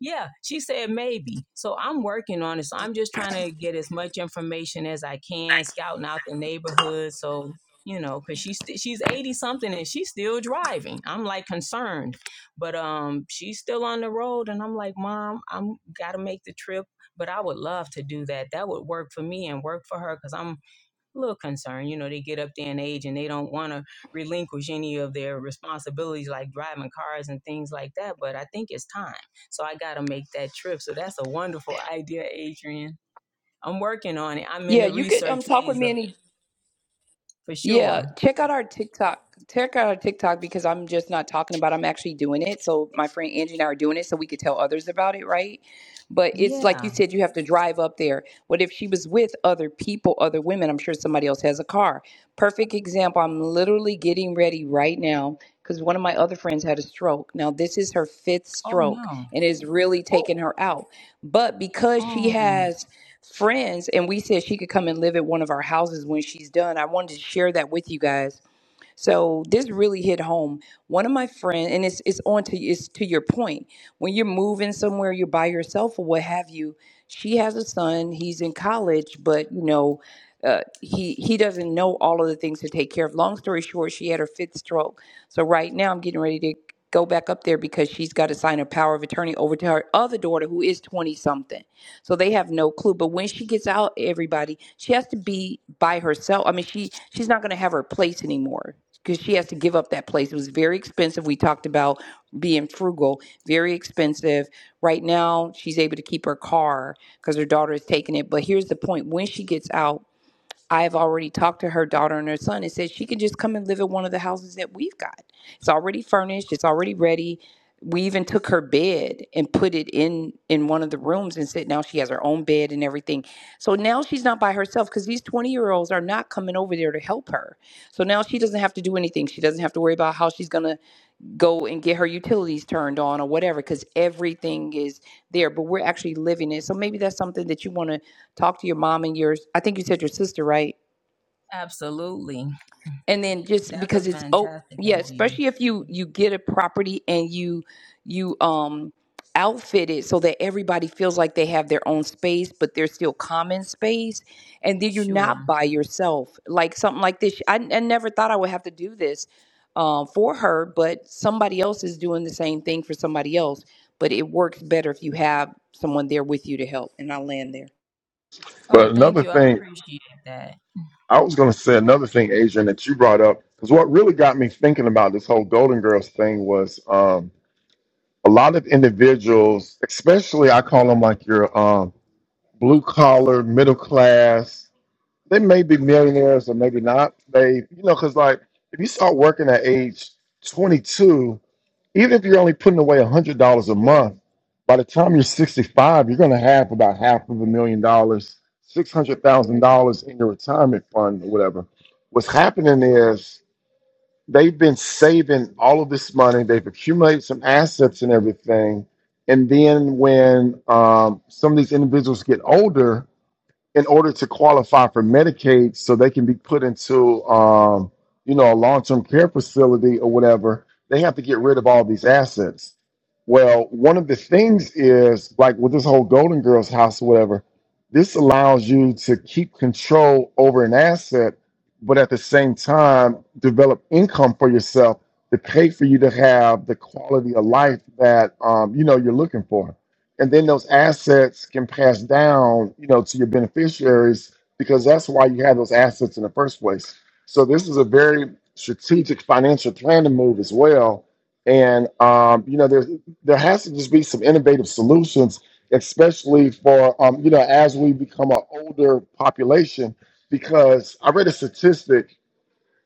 [SPEAKER 12] Yeah, she said maybe. So I'm working on it. So I'm just trying to get as much information as I can, scouting out the neighborhood. So you know, because she's st- she's eighty something and she's still driving. I'm like concerned, but um, she's still on the road, and I'm like, Mom, I'm gotta make the trip. But I would love to do that. That would work for me and work for her because I'm a little concern. You know, they get up there in age and they don't want to relinquish any of their responsibilities like driving cars and things like that. But I think it's time. So I got to make that trip. So that's a wonderful idea, Adrian. I'm working on it. I'm in
[SPEAKER 4] Yeah,
[SPEAKER 12] the
[SPEAKER 4] you could um
[SPEAKER 12] research
[SPEAKER 4] talk with
[SPEAKER 12] phase
[SPEAKER 4] me
[SPEAKER 12] of it,
[SPEAKER 4] and
[SPEAKER 12] for
[SPEAKER 4] Yeah,
[SPEAKER 12] sure.
[SPEAKER 4] check out our TikTok. Check out our TikTok because I'm just not talking about. it, I'm actually doing it. So my friend Angie and I are doing it, so we could tell others about it, right? But it's like you
[SPEAKER 12] Yeah.
[SPEAKER 4] said, you have to drive up there. What if she was with other people, other women? I'm sure somebody else has a car. Perfect example. I'm literally getting ready right now because one of my other friends had a stroke. Now, this is her fifth
[SPEAKER 12] Oh,
[SPEAKER 4] stroke
[SPEAKER 12] no.
[SPEAKER 4] and it's really
[SPEAKER 12] Oh,
[SPEAKER 4] taken her out. But because she
[SPEAKER 12] um,
[SPEAKER 4] has friends and we said she could come and live at one of our houses when she's done, I wanted to share that with you guys so this really hit home. One of my friends, and it's it's on to it's to your point. When you're moving somewhere, you're by yourself or what have you. She has a son. He's in college, but you know, uh, he he doesn't know all of the things to take care of. Long story short, she had her fifth stroke. So right now, I'm getting ready to go back up there because she's got to sign a power of attorney over to her other daughter who is 20 something. So they have no clue. But when she gets out, everybody, she has to be by herself. I mean, she she's not going to have her place anymore because she has to give up that place. It was very expensive. We talked about being frugal, very expensive. Right now, she's able to keep her car because her daughter is taking it. But here's the point: when she gets out I've already talked to her daughter and her son and said she can just come and live in one of the houses that we've got. It's already furnished, it's already ready. We even took her bed and put it in in one of the rooms and said now she has her own bed and everything. So now she's not by herself because these 20 year olds are not coming over there to help her. So now she doesn't have to do anything. She doesn't have to worry about how she's gonna go and get her utilities turned on or whatever because everything is there but we're actually living it so maybe that's something that you want to talk to your mom and yours. i think you said your sister right
[SPEAKER 12] absolutely.
[SPEAKER 4] and then just
[SPEAKER 12] That's a
[SPEAKER 4] because it's oh
[SPEAKER 12] fantastic
[SPEAKER 4] yeah
[SPEAKER 12] idea.
[SPEAKER 4] especially if you you get a property and you you um outfit it so that everybody feels like they have their own space but there's still common space and then you're not
[SPEAKER 12] Sure.
[SPEAKER 4] by yourself like something like this i, I never thought i would have to do this um, for her but somebody else is doing the same thing for somebody else but it works better if you have someone there with you to help and i land there
[SPEAKER 12] Oh,
[SPEAKER 13] But
[SPEAKER 12] thank
[SPEAKER 13] another
[SPEAKER 12] you. I
[SPEAKER 13] thing,
[SPEAKER 12] appreciate that.
[SPEAKER 13] I was going to say another thing, Adrian, that you brought up, because what really got me thinking about this whole Golden Girls thing was um, a lot of individuals, especially I call them like your um, blue collar, middle class. They may be millionaires or maybe not. They, you know, because like if you start working at age 22, even if you're only putting away $100 a month, by the time you're 65, you're going to have about half of a million dollars, $600,000 in your retirement fund or whatever. What's happening is they've been saving all of this money, they've accumulated some assets and everything. And then when um, some of these individuals get older, in order to qualify for Medicaid so they can be put into um, you know a long-term care facility or whatever, they have to get rid of all these assets. Well, one of the things is like with this whole Golden Girls house or whatever, this allows you to keep control over an asset, but at the same time develop income for yourself to pay for you to have the quality of life that um, you know you're looking for and then those assets can pass down you know to your beneficiaries because that's why you have those assets in the first place so this is a very strategic financial planning move as well and um, you know there's there has to just be some innovative solutions especially for um, you know as we become an older population because i read a statistic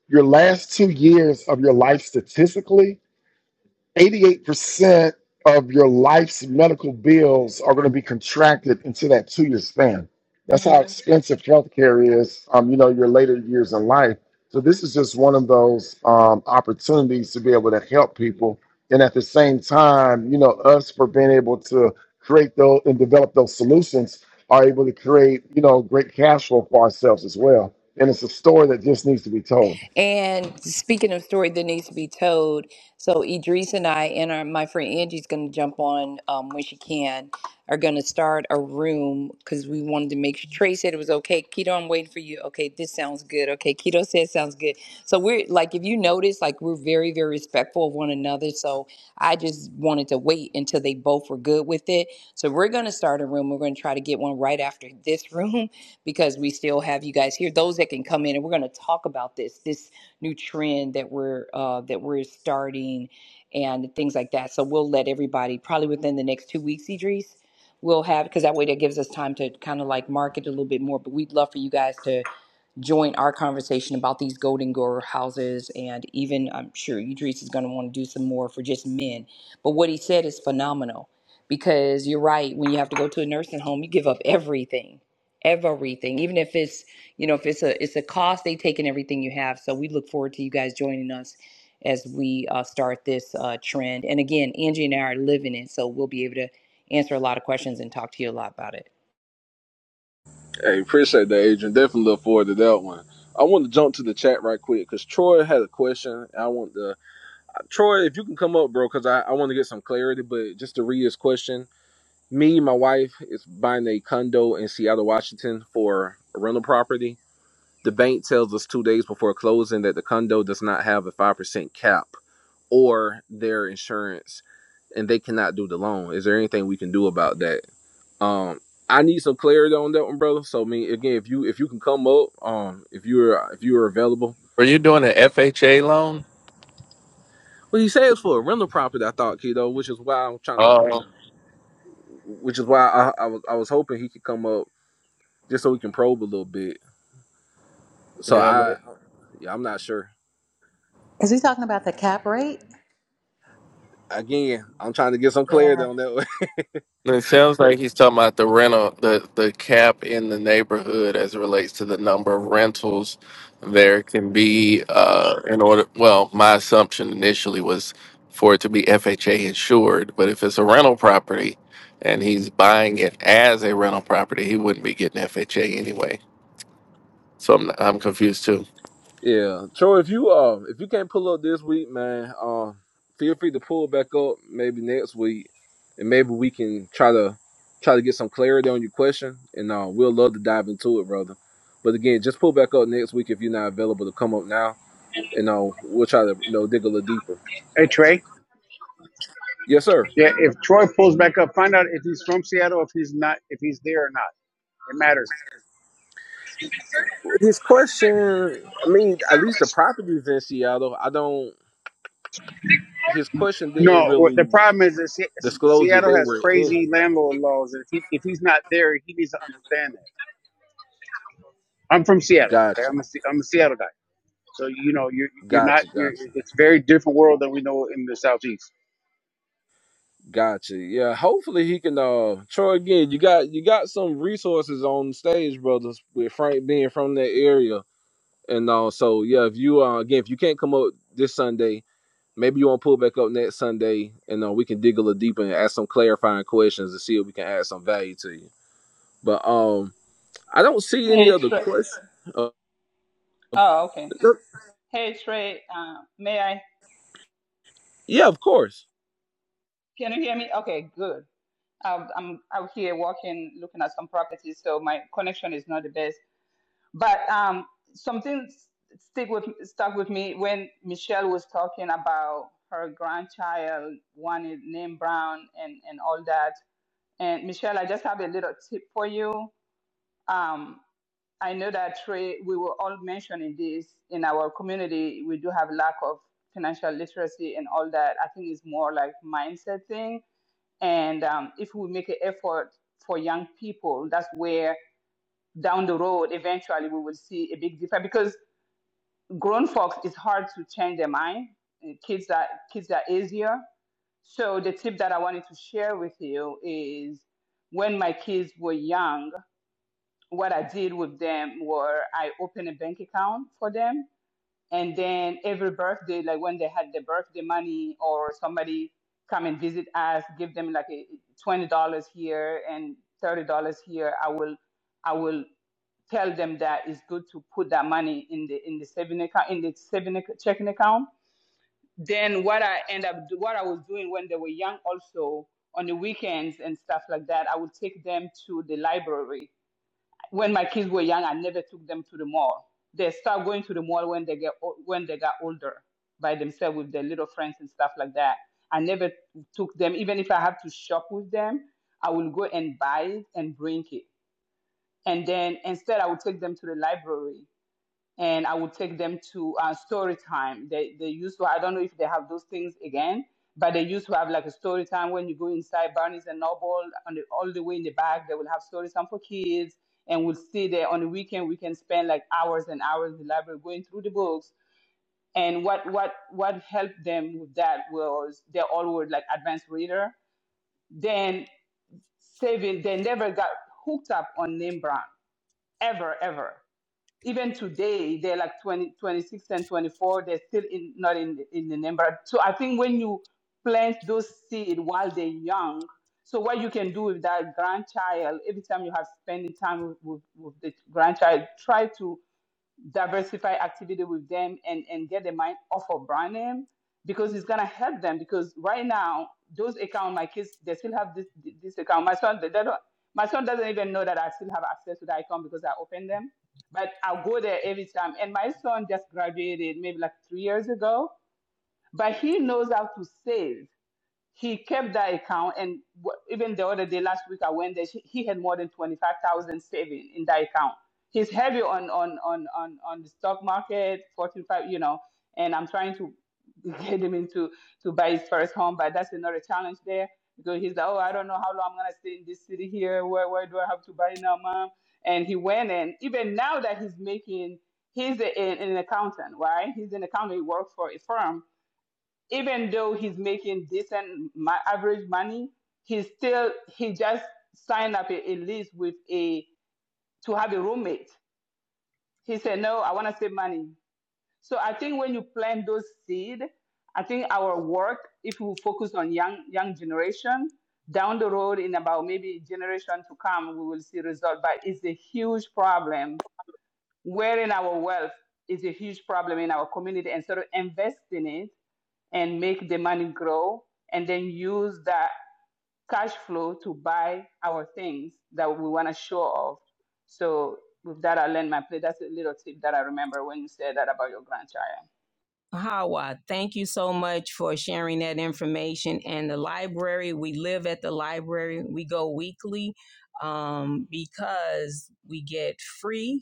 [SPEAKER 13] your last two years of your life statistically 88% of your life's medical bills are going to be contracted into that two year span. That's how hmm expensive healthcare is, um, you know, your later years in life. So, this is just one of those um, opportunities to be able to help people. And at the same time, you know, us for being able to create those and develop those solutions are able to create, you know, great cash flow for ourselves as well. And it's a story that just needs to be told.
[SPEAKER 4] And speaking of story that needs to be told, so Idris and I and our my friend Angie's going to jump on um, when she can. Are going to start a room because we wanted to make sure. Trey said it was okay. Keto, I'm waiting for you. Okay, this sounds good. Okay, Keto said sounds good. So we're like, if you notice, like we're very very respectful of one another. So I just wanted to wait until they both were good with it. So we're going to start a room. We're going to try to get one right after this room because we still have you guys here. Those that can come in, and we're going to talk about this this new trend that we're uh, that we're starting and things like that. So we'll let everybody probably within the next two weeks, Idris. We'll have because that way that gives us time to kind of like market a little bit more. But we'd love for you guys to join our conversation about these golden grower houses. And even I'm sure Idris is going to want to do some more for just men. But what he said is phenomenal because you're right. When you have to go to a nursing home, you give up everything, everything, even if it's, you know, if it's a, it's a cost, they take in everything you have. So we look forward to you guys joining us as we uh, start this uh, trend. And again, Angie and I are living it. So we'll be able to answer a lot of questions and talk to you a lot about it.
[SPEAKER 1] hey, appreciate that, Adrian. Definitely look forward to that one. I want to jump to the chat right quick because Troy had a question. I want to Troy, if you can come up, bro, because I, I want to get some clarity. But just to read his question, me, my wife is buying a condo in Seattle, Washington for a rental property. The bank tells us two days before closing that the condo does not have a five percent cap or their insurance and they cannot do the loan. Is there anything we can do about that? Um I need some clarity on that one, brother. So I mean again if you if you can come up, um if you're if you're available.
[SPEAKER 2] were you doing an fha loan
[SPEAKER 1] Well he says for a rental property I thought, kiddo, which is why I'm trying to
[SPEAKER 2] Oh,
[SPEAKER 1] which is why I, I was I was hoping he could come up just so we can probe a little bit. So
[SPEAKER 2] yeah, man.
[SPEAKER 1] I yeah, I'm not sure.
[SPEAKER 3] Is he talking about the cap rate?
[SPEAKER 1] Again, I'm trying to get some
[SPEAKER 3] Yeah.
[SPEAKER 1] clarity on that
[SPEAKER 2] It sounds like he's talking about the rental, the the cap in the neighborhood as it relates to the number of rentals there can be. Uh, in order, well, my assumption initially was for it to be FHA insured, but if it's a rental property and he's buying it as a rental property, he wouldn't be getting FHA anyway. So I'm I'm confused too.
[SPEAKER 1] Yeah, Troy. If you uh, if you can't pull up this week, man, um, feel free to pull back up maybe next week, and maybe we can try to try to get some clarity on your question, and uh, we'll love to dive into it, brother. But again, just pull back up next week if you're not available to come up now, and uh, we'll try to you know dig a little deeper.
[SPEAKER 9] Hey Trey.
[SPEAKER 1] Yes, sir.
[SPEAKER 9] Yeah, if Troy pulls back up, find out if he's from Seattle, if he's not, if he's there or not. It matters.
[SPEAKER 1] His question. I mean, at least the properties in Seattle. I don't. His question didn't
[SPEAKER 9] No, what- the
[SPEAKER 1] really
[SPEAKER 9] problem is that Se-
[SPEAKER 1] disclose that
[SPEAKER 9] Seattle
[SPEAKER 1] they
[SPEAKER 9] has
[SPEAKER 1] were in.
[SPEAKER 9] crazy landlord laws. and If he if he's not there, he needs to understand that. I'm from Seattle. Okay,
[SPEAKER 1] Gotcha.
[SPEAKER 9] I'm a Se- I'm a Seattle guy. So you know you're you're not.
[SPEAKER 1] Gotcha.
[SPEAKER 9] You're,
[SPEAKER 1] Gotcha.
[SPEAKER 9] it's very different world than we know in the southeast.
[SPEAKER 1] Gotcha. Yeah. Hopefully he can uh Troy again, you got you got some resources on stage, brothers, with Frank being from that area. And uh so yeah, if you uh again if you can't come up this Sunday, maybe you wanna pull back up next Sunday and uh, we can dig a little deeper and ask some clarifying questions to see if we can add some value to you. But um I don't see any
[SPEAKER 5] Hey,
[SPEAKER 1] other
[SPEAKER 5] Trey.
[SPEAKER 1] questions. Uh,
[SPEAKER 5] Oh, okay. Hey, Trey. Uh, may I?
[SPEAKER 1] yeah, of course.
[SPEAKER 5] Can you hear me? Okay, good. I'm I'm out here walking, looking at some properties, so my connection is not the best. But um, something s- stick with stuck with me when Michelle was talking about her grandchild, one is named Brown, and and all that. And Michelle, I just have a little tip for you. Um. I know that Trey, we were all mentioning this in our community. We do have lack of financial literacy and all that. I think it's more like mindset thing. And um, if we make an effort for young people, that's where down the road eventually we will see a big difference because grown folks it's hard to change their mind. Uh, Kids are kids are easier. So the tip that I wanted to share with you is when my kids were young, what I did with them were I opened a bank account for them. And then every birthday, like when they had the birthday money or somebody come and visit us, give them like a $20 here and $30 here. I will, I will tell them that it's good to put that money in the, in the saving account, in the saving ac- checking account. Then what I end up, do- what I was doing when they were young also on the weekends and stuff like that, I would take them to the library when my kids were young, I never took them to the mall. They start going to the mall when they get when they got older by themselves with their little friends and stuff like that. I never took them, even if I have to shop with them, I will go and buy it and bring it. And then instead, I would take them to the library and I would take them to uh, story time. They they used to I don't know if they have those things again, but they used to have like a story time when you go inside Barnes and Noble on the, all the way in the back. They will have story time for kids, and we'll stay there on the weekend. We can spend like hours and hours in the library going through the books. And what what what helped them with that was they all were like advanced reader. Then saving they never got hooked up on name brand ever ever even today they're like 20, 26 and 24 they're still in, not in, in the number so i think when you plant those seed while they're young so what you can do with that grandchild every time you have spending time with, with, with the grandchild try to diversify activity with them and, and get their mind off of brand name because it's gonna help them because right now those account my kids they still have this this account my son they, they don't my son doesn't even know that I still have access to the account because I opened them but I'll go there every time and my son just graduated maybe like three years ago but he knows how to save he kept that account and w- even the other day last week i went there he he had more than 25000 saving in that account he's heavy on on on on, on the stock market 45 you know and i'm trying to get him into to buy his first home but that's another challenge there because he's like oh i don't know how long i'm going to stay in this city here where, where do i have to buy now mom and he went and even now that he's making he's a, an an accountant right he's an accountant he works for a firm even though he's making decent ma- average money, he still he just signed up a, a lease with a to have a roommate. He said, "No, I want to save money." So I think when you plant those seed, I think our work, if we focus on young young generation, down the road in about maybe a generation to come, we will see result. But it's a huge problem. Wearing our wealth is a huge problem in our community, and sort of invest in it and make the money grow and then use that cash flow to buy our things that we want to show off. So with that, I learned my play. That's a little tip that I remember when you said that about your grandchild.
[SPEAKER 12] Hawa, thank you so much for sharing that information. And the library, we live at the library. We go weekly um, because we get free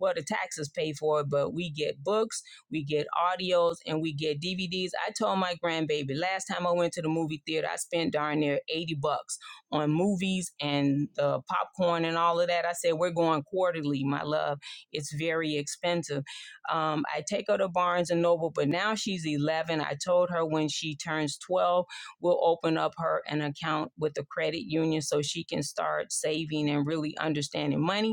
[SPEAKER 12] Well, the taxes pay for it, but we get books, we get audios, and we get DVDs. I told my grandbaby last time I went to the movie theater, I spent darn near 80 bucks on movies and the popcorn and all of that. I said, We're going quarterly, my love. It's very expensive. Um, I take her to Barnes and Noble, but now she's 11. I told her when she turns 12, we'll open up her an account with the credit union so she can start saving and really understanding money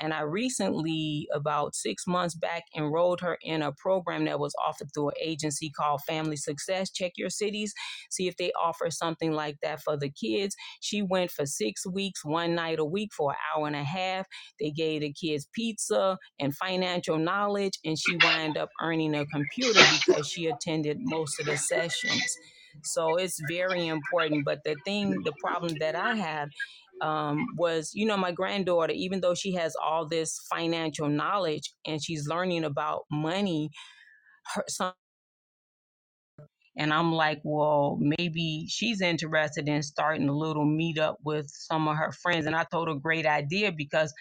[SPEAKER 12] and I recently, about six months back, enrolled her in a program that was offered through an agency called Family Success. Check your cities, see if they offer something like that for the kids. She went for six weeks, one night a week for an hour and a half. They gave the kids pizza and financial knowledge, and she wound up earning a computer because she attended most of the sessions. So it's very important. But the thing, the problem that I have um, was, you know, my granddaughter, even though she has all this financial knowledge and she's learning about money, her son. And I'm like, well, maybe she's interested in starting a little meetup with some of her friends. And I told her, great idea, because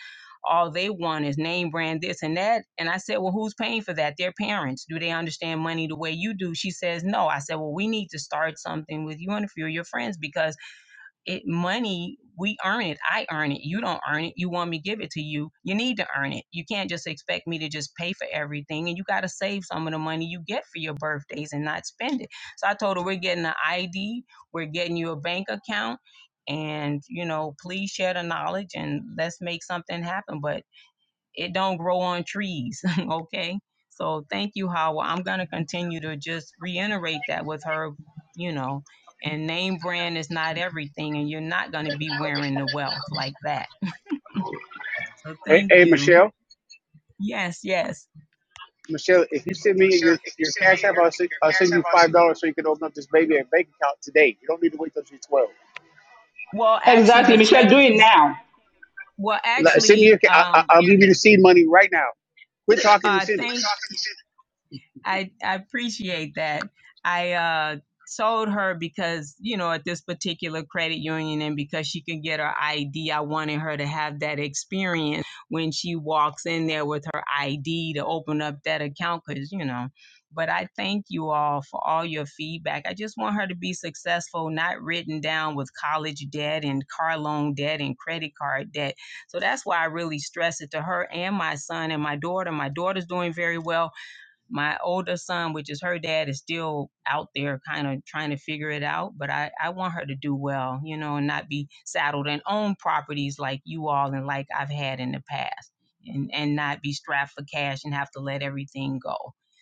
[SPEAKER 12] all they want is name brand this and that. And I said, well, who's paying for that? Their parents. Do they understand money the way you do? She says, no. I said, well, we need to start something with you and a few of your friends because it money we earn it i earn it you don't earn it you want me to give it to you you need to earn it you can't just expect me to just pay for everything and you got to save some of the money you get for your birthdays and not spend it so i told her we're getting an id we're getting you a bank account and you know please share the knowledge and let's make something happen but it don't grow on trees okay so thank you howard i'm going to continue to just reiterate that with her you know and name brand is not everything and you're not going to be wearing the wealth like that so
[SPEAKER 9] Hey,
[SPEAKER 12] thank
[SPEAKER 9] hey
[SPEAKER 12] you
[SPEAKER 9] Michelle.
[SPEAKER 12] yes yes
[SPEAKER 9] Michelle, if you send me
[SPEAKER 12] Michelle,
[SPEAKER 9] your
[SPEAKER 12] if you
[SPEAKER 9] your
[SPEAKER 12] send me
[SPEAKER 9] cash app,
[SPEAKER 12] your
[SPEAKER 9] I'll send,
[SPEAKER 12] your
[SPEAKER 9] I'll
[SPEAKER 12] cash
[SPEAKER 9] send
[SPEAKER 12] app,
[SPEAKER 9] you
[SPEAKER 12] I'll
[SPEAKER 9] five
[SPEAKER 12] send
[SPEAKER 9] dollars so you can open up this baby and bank account today. You don't need to wait till she's twelve.
[SPEAKER 12] well actually
[SPEAKER 5] Exactly,
[SPEAKER 12] the
[SPEAKER 5] Michelle. Do
[SPEAKER 12] credit
[SPEAKER 5] it now.
[SPEAKER 12] well
[SPEAKER 9] Let- Send me
[SPEAKER 12] actually
[SPEAKER 9] your. ca- I, I-
[SPEAKER 12] um
[SPEAKER 9] I'll give
[SPEAKER 12] you.
[SPEAKER 9] you the seed money right now. Quit talking
[SPEAKER 12] uh
[SPEAKER 9] and send it.
[SPEAKER 12] thank I I appreciate that. I uh told her because you know at this particular credit union and because she could get her ID I wanted her to have that experience when she walks in there with her ID to open up that account cuz you know but I thank you all for all your feedback. I just want her to be successful, not written down with college debt and car loan debt and credit card debt. So that's why I really stress it to her and my son and my daughter. My daughter's doing very well my older son, which is her dad, is still out there kind of trying to figure it out. But I, I want her to do well, you know, and not be saddled and own properties like you all and like I've had in the past and, and not be strapped for cash and have to let everything go.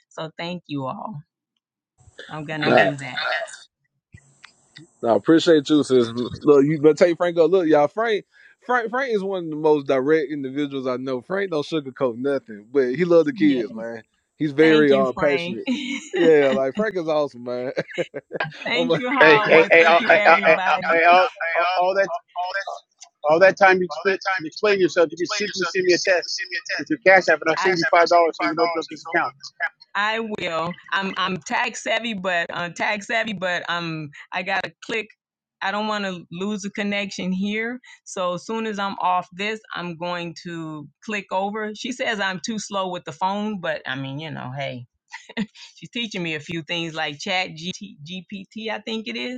[SPEAKER 12] So thank you all. I'm going to
[SPEAKER 1] Okay.
[SPEAKER 12] do that.
[SPEAKER 1] No, I appreciate you, sis. Look, you but take Franco. Look, y'all, Frank, Frank, Frank is one of the most direct individuals I know. Frank don't sugarcoat nothing, but he love the
[SPEAKER 12] Yeah.
[SPEAKER 1] kids, man. He's very
[SPEAKER 12] Thank you,
[SPEAKER 1] uh,
[SPEAKER 12] Frank.
[SPEAKER 1] passionate. Yeah, like Frank is awesome, man. I'm
[SPEAKER 12] thank
[SPEAKER 1] like,
[SPEAKER 12] you,
[SPEAKER 9] Hey, hey,
[SPEAKER 12] Howard.
[SPEAKER 9] hey,
[SPEAKER 12] Thank
[SPEAKER 9] all,
[SPEAKER 12] you,
[SPEAKER 9] hey, all, hey,
[SPEAKER 12] everybody.
[SPEAKER 9] all, hey, all, all all that all that time you
[SPEAKER 12] All that
[SPEAKER 9] spent
[SPEAKER 12] time you spent
[SPEAKER 9] explaining yourself, you can
[SPEAKER 12] explaining
[SPEAKER 9] simply
[SPEAKER 12] yourself,
[SPEAKER 9] send
[SPEAKER 12] you
[SPEAKER 9] me a
[SPEAKER 12] sit to
[SPEAKER 9] text
[SPEAKER 12] send me a text.
[SPEAKER 9] with your cash app, and I'll
[SPEAKER 12] I
[SPEAKER 9] send you
[SPEAKER 12] I'll
[SPEAKER 9] five
[SPEAKER 12] send you
[SPEAKER 9] dollars so you
[SPEAKER 12] five
[SPEAKER 9] can open
[SPEAKER 12] dollars so
[SPEAKER 9] up
[SPEAKER 12] you
[SPEAKER 9] this
[SPEAKER 12] can open
[SPEAKER 9] account.
[SPEAKER 12] up this account. I will. I'm I'm tag savvy, but uh, tag savvy, but um I gotta click. I don't want to lose a connection here. So as soon as I'm off this, I'm going to click over. She says I'm too slow with the phone, but I mean, you know, hey, she's teaching me a few things like Chat GT, GPT, I think it is.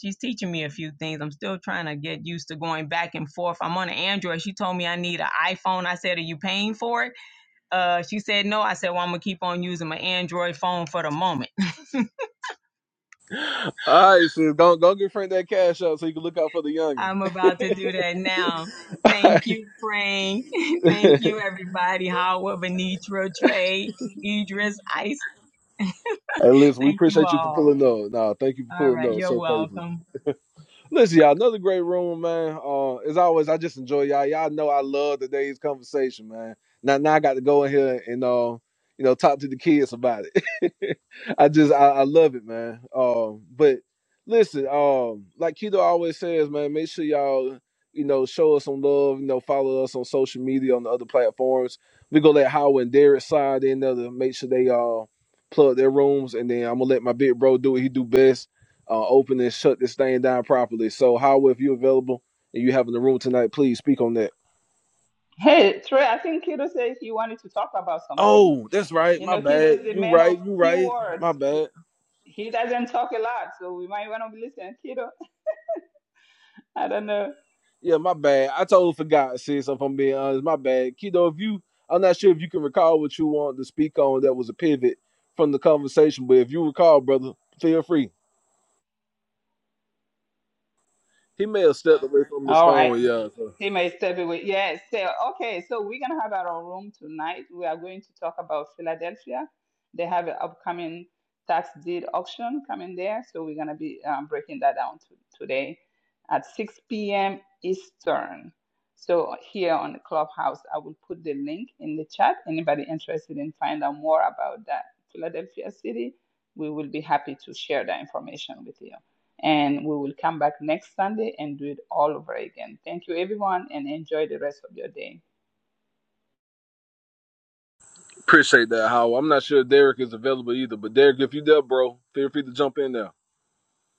[SPEAKER 12] She's teaching me a few things. I'm still trying to get used to going back and forth. I'm on an Android. She told me I need an iPhone. I said, Are you paying for it? Uh, she said, No. I said, Well, I'm going to keep on using my Android phone for the moment.
[SPEAKER 1] all right, sis, go go get Frank that cash up so you can look out for the youngin.
[SPEAKER 12] I'm about to do that now.
[SPEAKER 1] All
[SPEAKER 12] Thank
[SPEAKER 1] right.
[SPEAKER 12] you, Frank. Thank you, everybody. Howard, Benitra, Trey, Idris, Ice.
[SPEAKER 1] hey, listen, we
[SPEAKER 12] Thank you
[SPEAKER 1] appreciate you for
[SPEAKER 12] all.
[SPEAKER 1] pulling up. Nah, thank you for
[SPEAKER 12] All
[SPEAKER 1] pulling
[SPEAKER 12] right.
[SPEAKER 1] up
[SPEAKER 12] You're
[SPEAKER 1] so faithfully.
[SPEAKER 12] welcome.
[SPEAKER 1] Listen, y'all, another great room, man. Uh, as always, I just enjoy y'all. Y'all know I love today's conversation, man. Now, now I got to go in here and uh, you know, talk to the kids about it. I just I, I love it, man. Um, but listen, um, like Keto always says, man, make sure y'all you know show us some love. You know, follow us on social media on the other platforms. We gonna let Howard and Derek slide in there to make sure they uh plug their rooms, and then I'm gonna let my big bro do what he do best, uh, open and shut this thing down properly. So Howard, if you're available and you having the room tonight, please speak on that.
[SPEAKER 5] Hey, Trey. I think Kido says he wanted to talk about something.
[SPEAKER 1] Oh, that's right.
[SPEAKER 5] You
[SPEAKER 1] My
[SPEAKER 5] know, Kido
[SPEAKER 1] bad.
[SPEAKER 5] is the
[SPEAKER 1] You
[SPEAKER 5] man of
[SPEAKER 1] right. You
[SPEAKER 5] few
[SPEAKER 1] right.
[SPEAKER 5] words.
[SPEAKER 1] My bad.
[SPEAKER 5] He doesn't talk a lot, so we might want to listen. Kido, I don't know.
[SPEAKER 1] Yeah, my bad. I totally forgot, sis, if I'm being honest. My bad. Kido, if you I'm not sure if you can recall what you want to speak on that was a pivot from the conversation, but if you recall, brother, feel free. He may have stepped away from his
[SPEAKER 5] All right.
[SPEAKER 1] phone, yeah. So.
[SPEAKER 5] He may step away. Yes. So, okay. So we're gonna have our room tonight. We are going to talk about Philadelphia. They have an upcoming tax deed auction coming there. So we're gonna be um, breaking that down to, today at 6 p.m. Eastern. So here on the clubhouse, I will put the link in the chat. Anybody interested in finding out more about that Philadelphia city, we will be happy to share that information with you. And we will come back next Sunday and do it all over again. Thank you, everyone, and enjoy the rest of your day.
[SPEAKER 1] Appreciate that, Howard. I'm not sure Derek is available either, but Derek, if you there, bro, feel free to jump in there.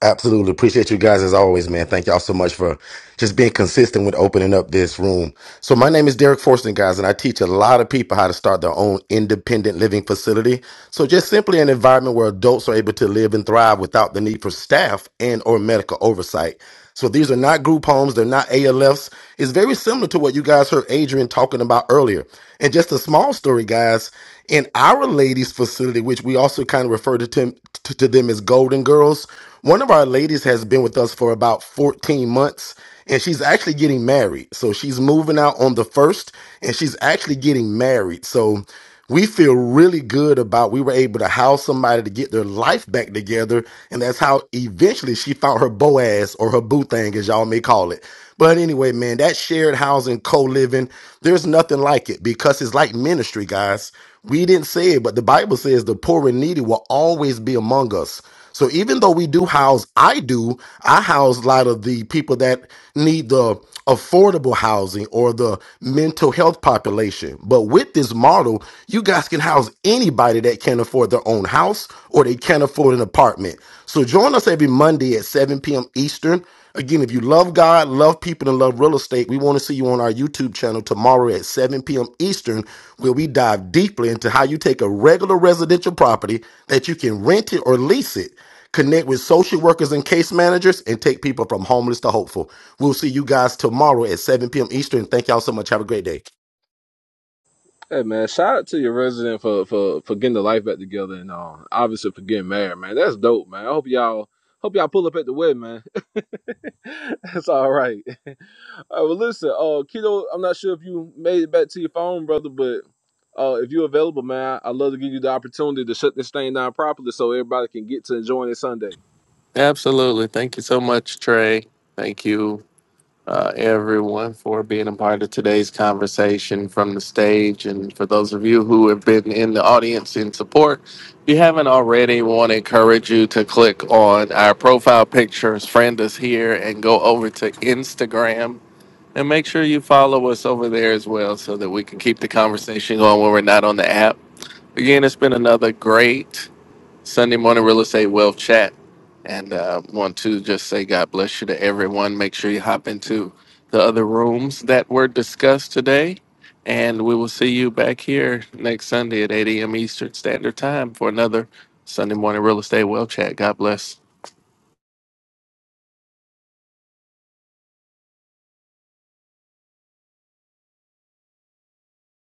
[SPEAKER 14] Absolutely. Appreciate you guys as always, man. Thank y'all so much for just being consistent with opening up this room. So my name is Derek Forston, guys, and I teach a lot of people how to start their own independent living facility. So just simply an environment where adults are able to live and thrive without the need for staff and or medical oversight. So these are not group homes. They're not ALFs. It's very similar to what you guys heard Adrian talking about earlier. And just a small story, guys in our ladies facility which we also kind of refer to, to, to them as golden girls one of our ladies has been with us for about 14 months and she's actually getting married so she's moving out on the first and she's actually getting married so we feel really good about we were able to house somebody to get their life back together and that's how eventually she found her boaz or her boo thing as y'all may call it but anyway, man, that shared housing, co living, there's nothing like it because it's like ministry, guys. We didn't say it, but the Bible says the poor and needy will always be among us. So even though we do house, I do, I house a lot of the people that need the affordable housing or the mental health population. But with this model, you guys can house anybody that can't afford their own house or they can't afford an apartment. So join us every Monday at 7 p.m. Eastern. Again, if you love God, love people, and love real estate, we want to see you on our YouTube channel tomorrow at 7 p.m. Eastern, where we dive deeply into how you take a regular residential property that you can rent it or lease it connect with social workers and case managers, and take people from homeless to hopeful. We'll see you guys tomorrow at 7 p.m. Eastern. Thank y'all so much. Have a great day.
[SPEAKER 1] Hey man, shout out to your resident for for, for getting the life back together and uh, obviously for getting married, man. That's dope, man. I hope y'all hope y'all pull up at the wedding, man. That's all right. All right, well, listen, uh, Keto, I'm not sure if you made it back to your phone, brother, but uh, if you're available, man, I'd love to give you the opportunity to shut this thing down properly so everybody can get to enjoying it Sunday.
[SPEAKER 2] Absolutely. Thank you so much, Trey. Thank you. uh, everyone for being a part of today's conversation from the stage. And for those of you who have been in the audience in support, if you haven't already, we want to encourage you to click on our profile pictures, friend us here, and go over to Instagram. And make sure you follow us over there as well so that we can keep the conversation going when we're not on the app. Again, it's been another great Sunday morning real estate wealth chat. And uh, want to just say God bless you to everyone. Make sure you hop into the other rooms that were discussed today. And we will see you back here next Sunday at 8 a.m. Eastern Standard Time for another Sunday morning real estate wealth chat. God bless.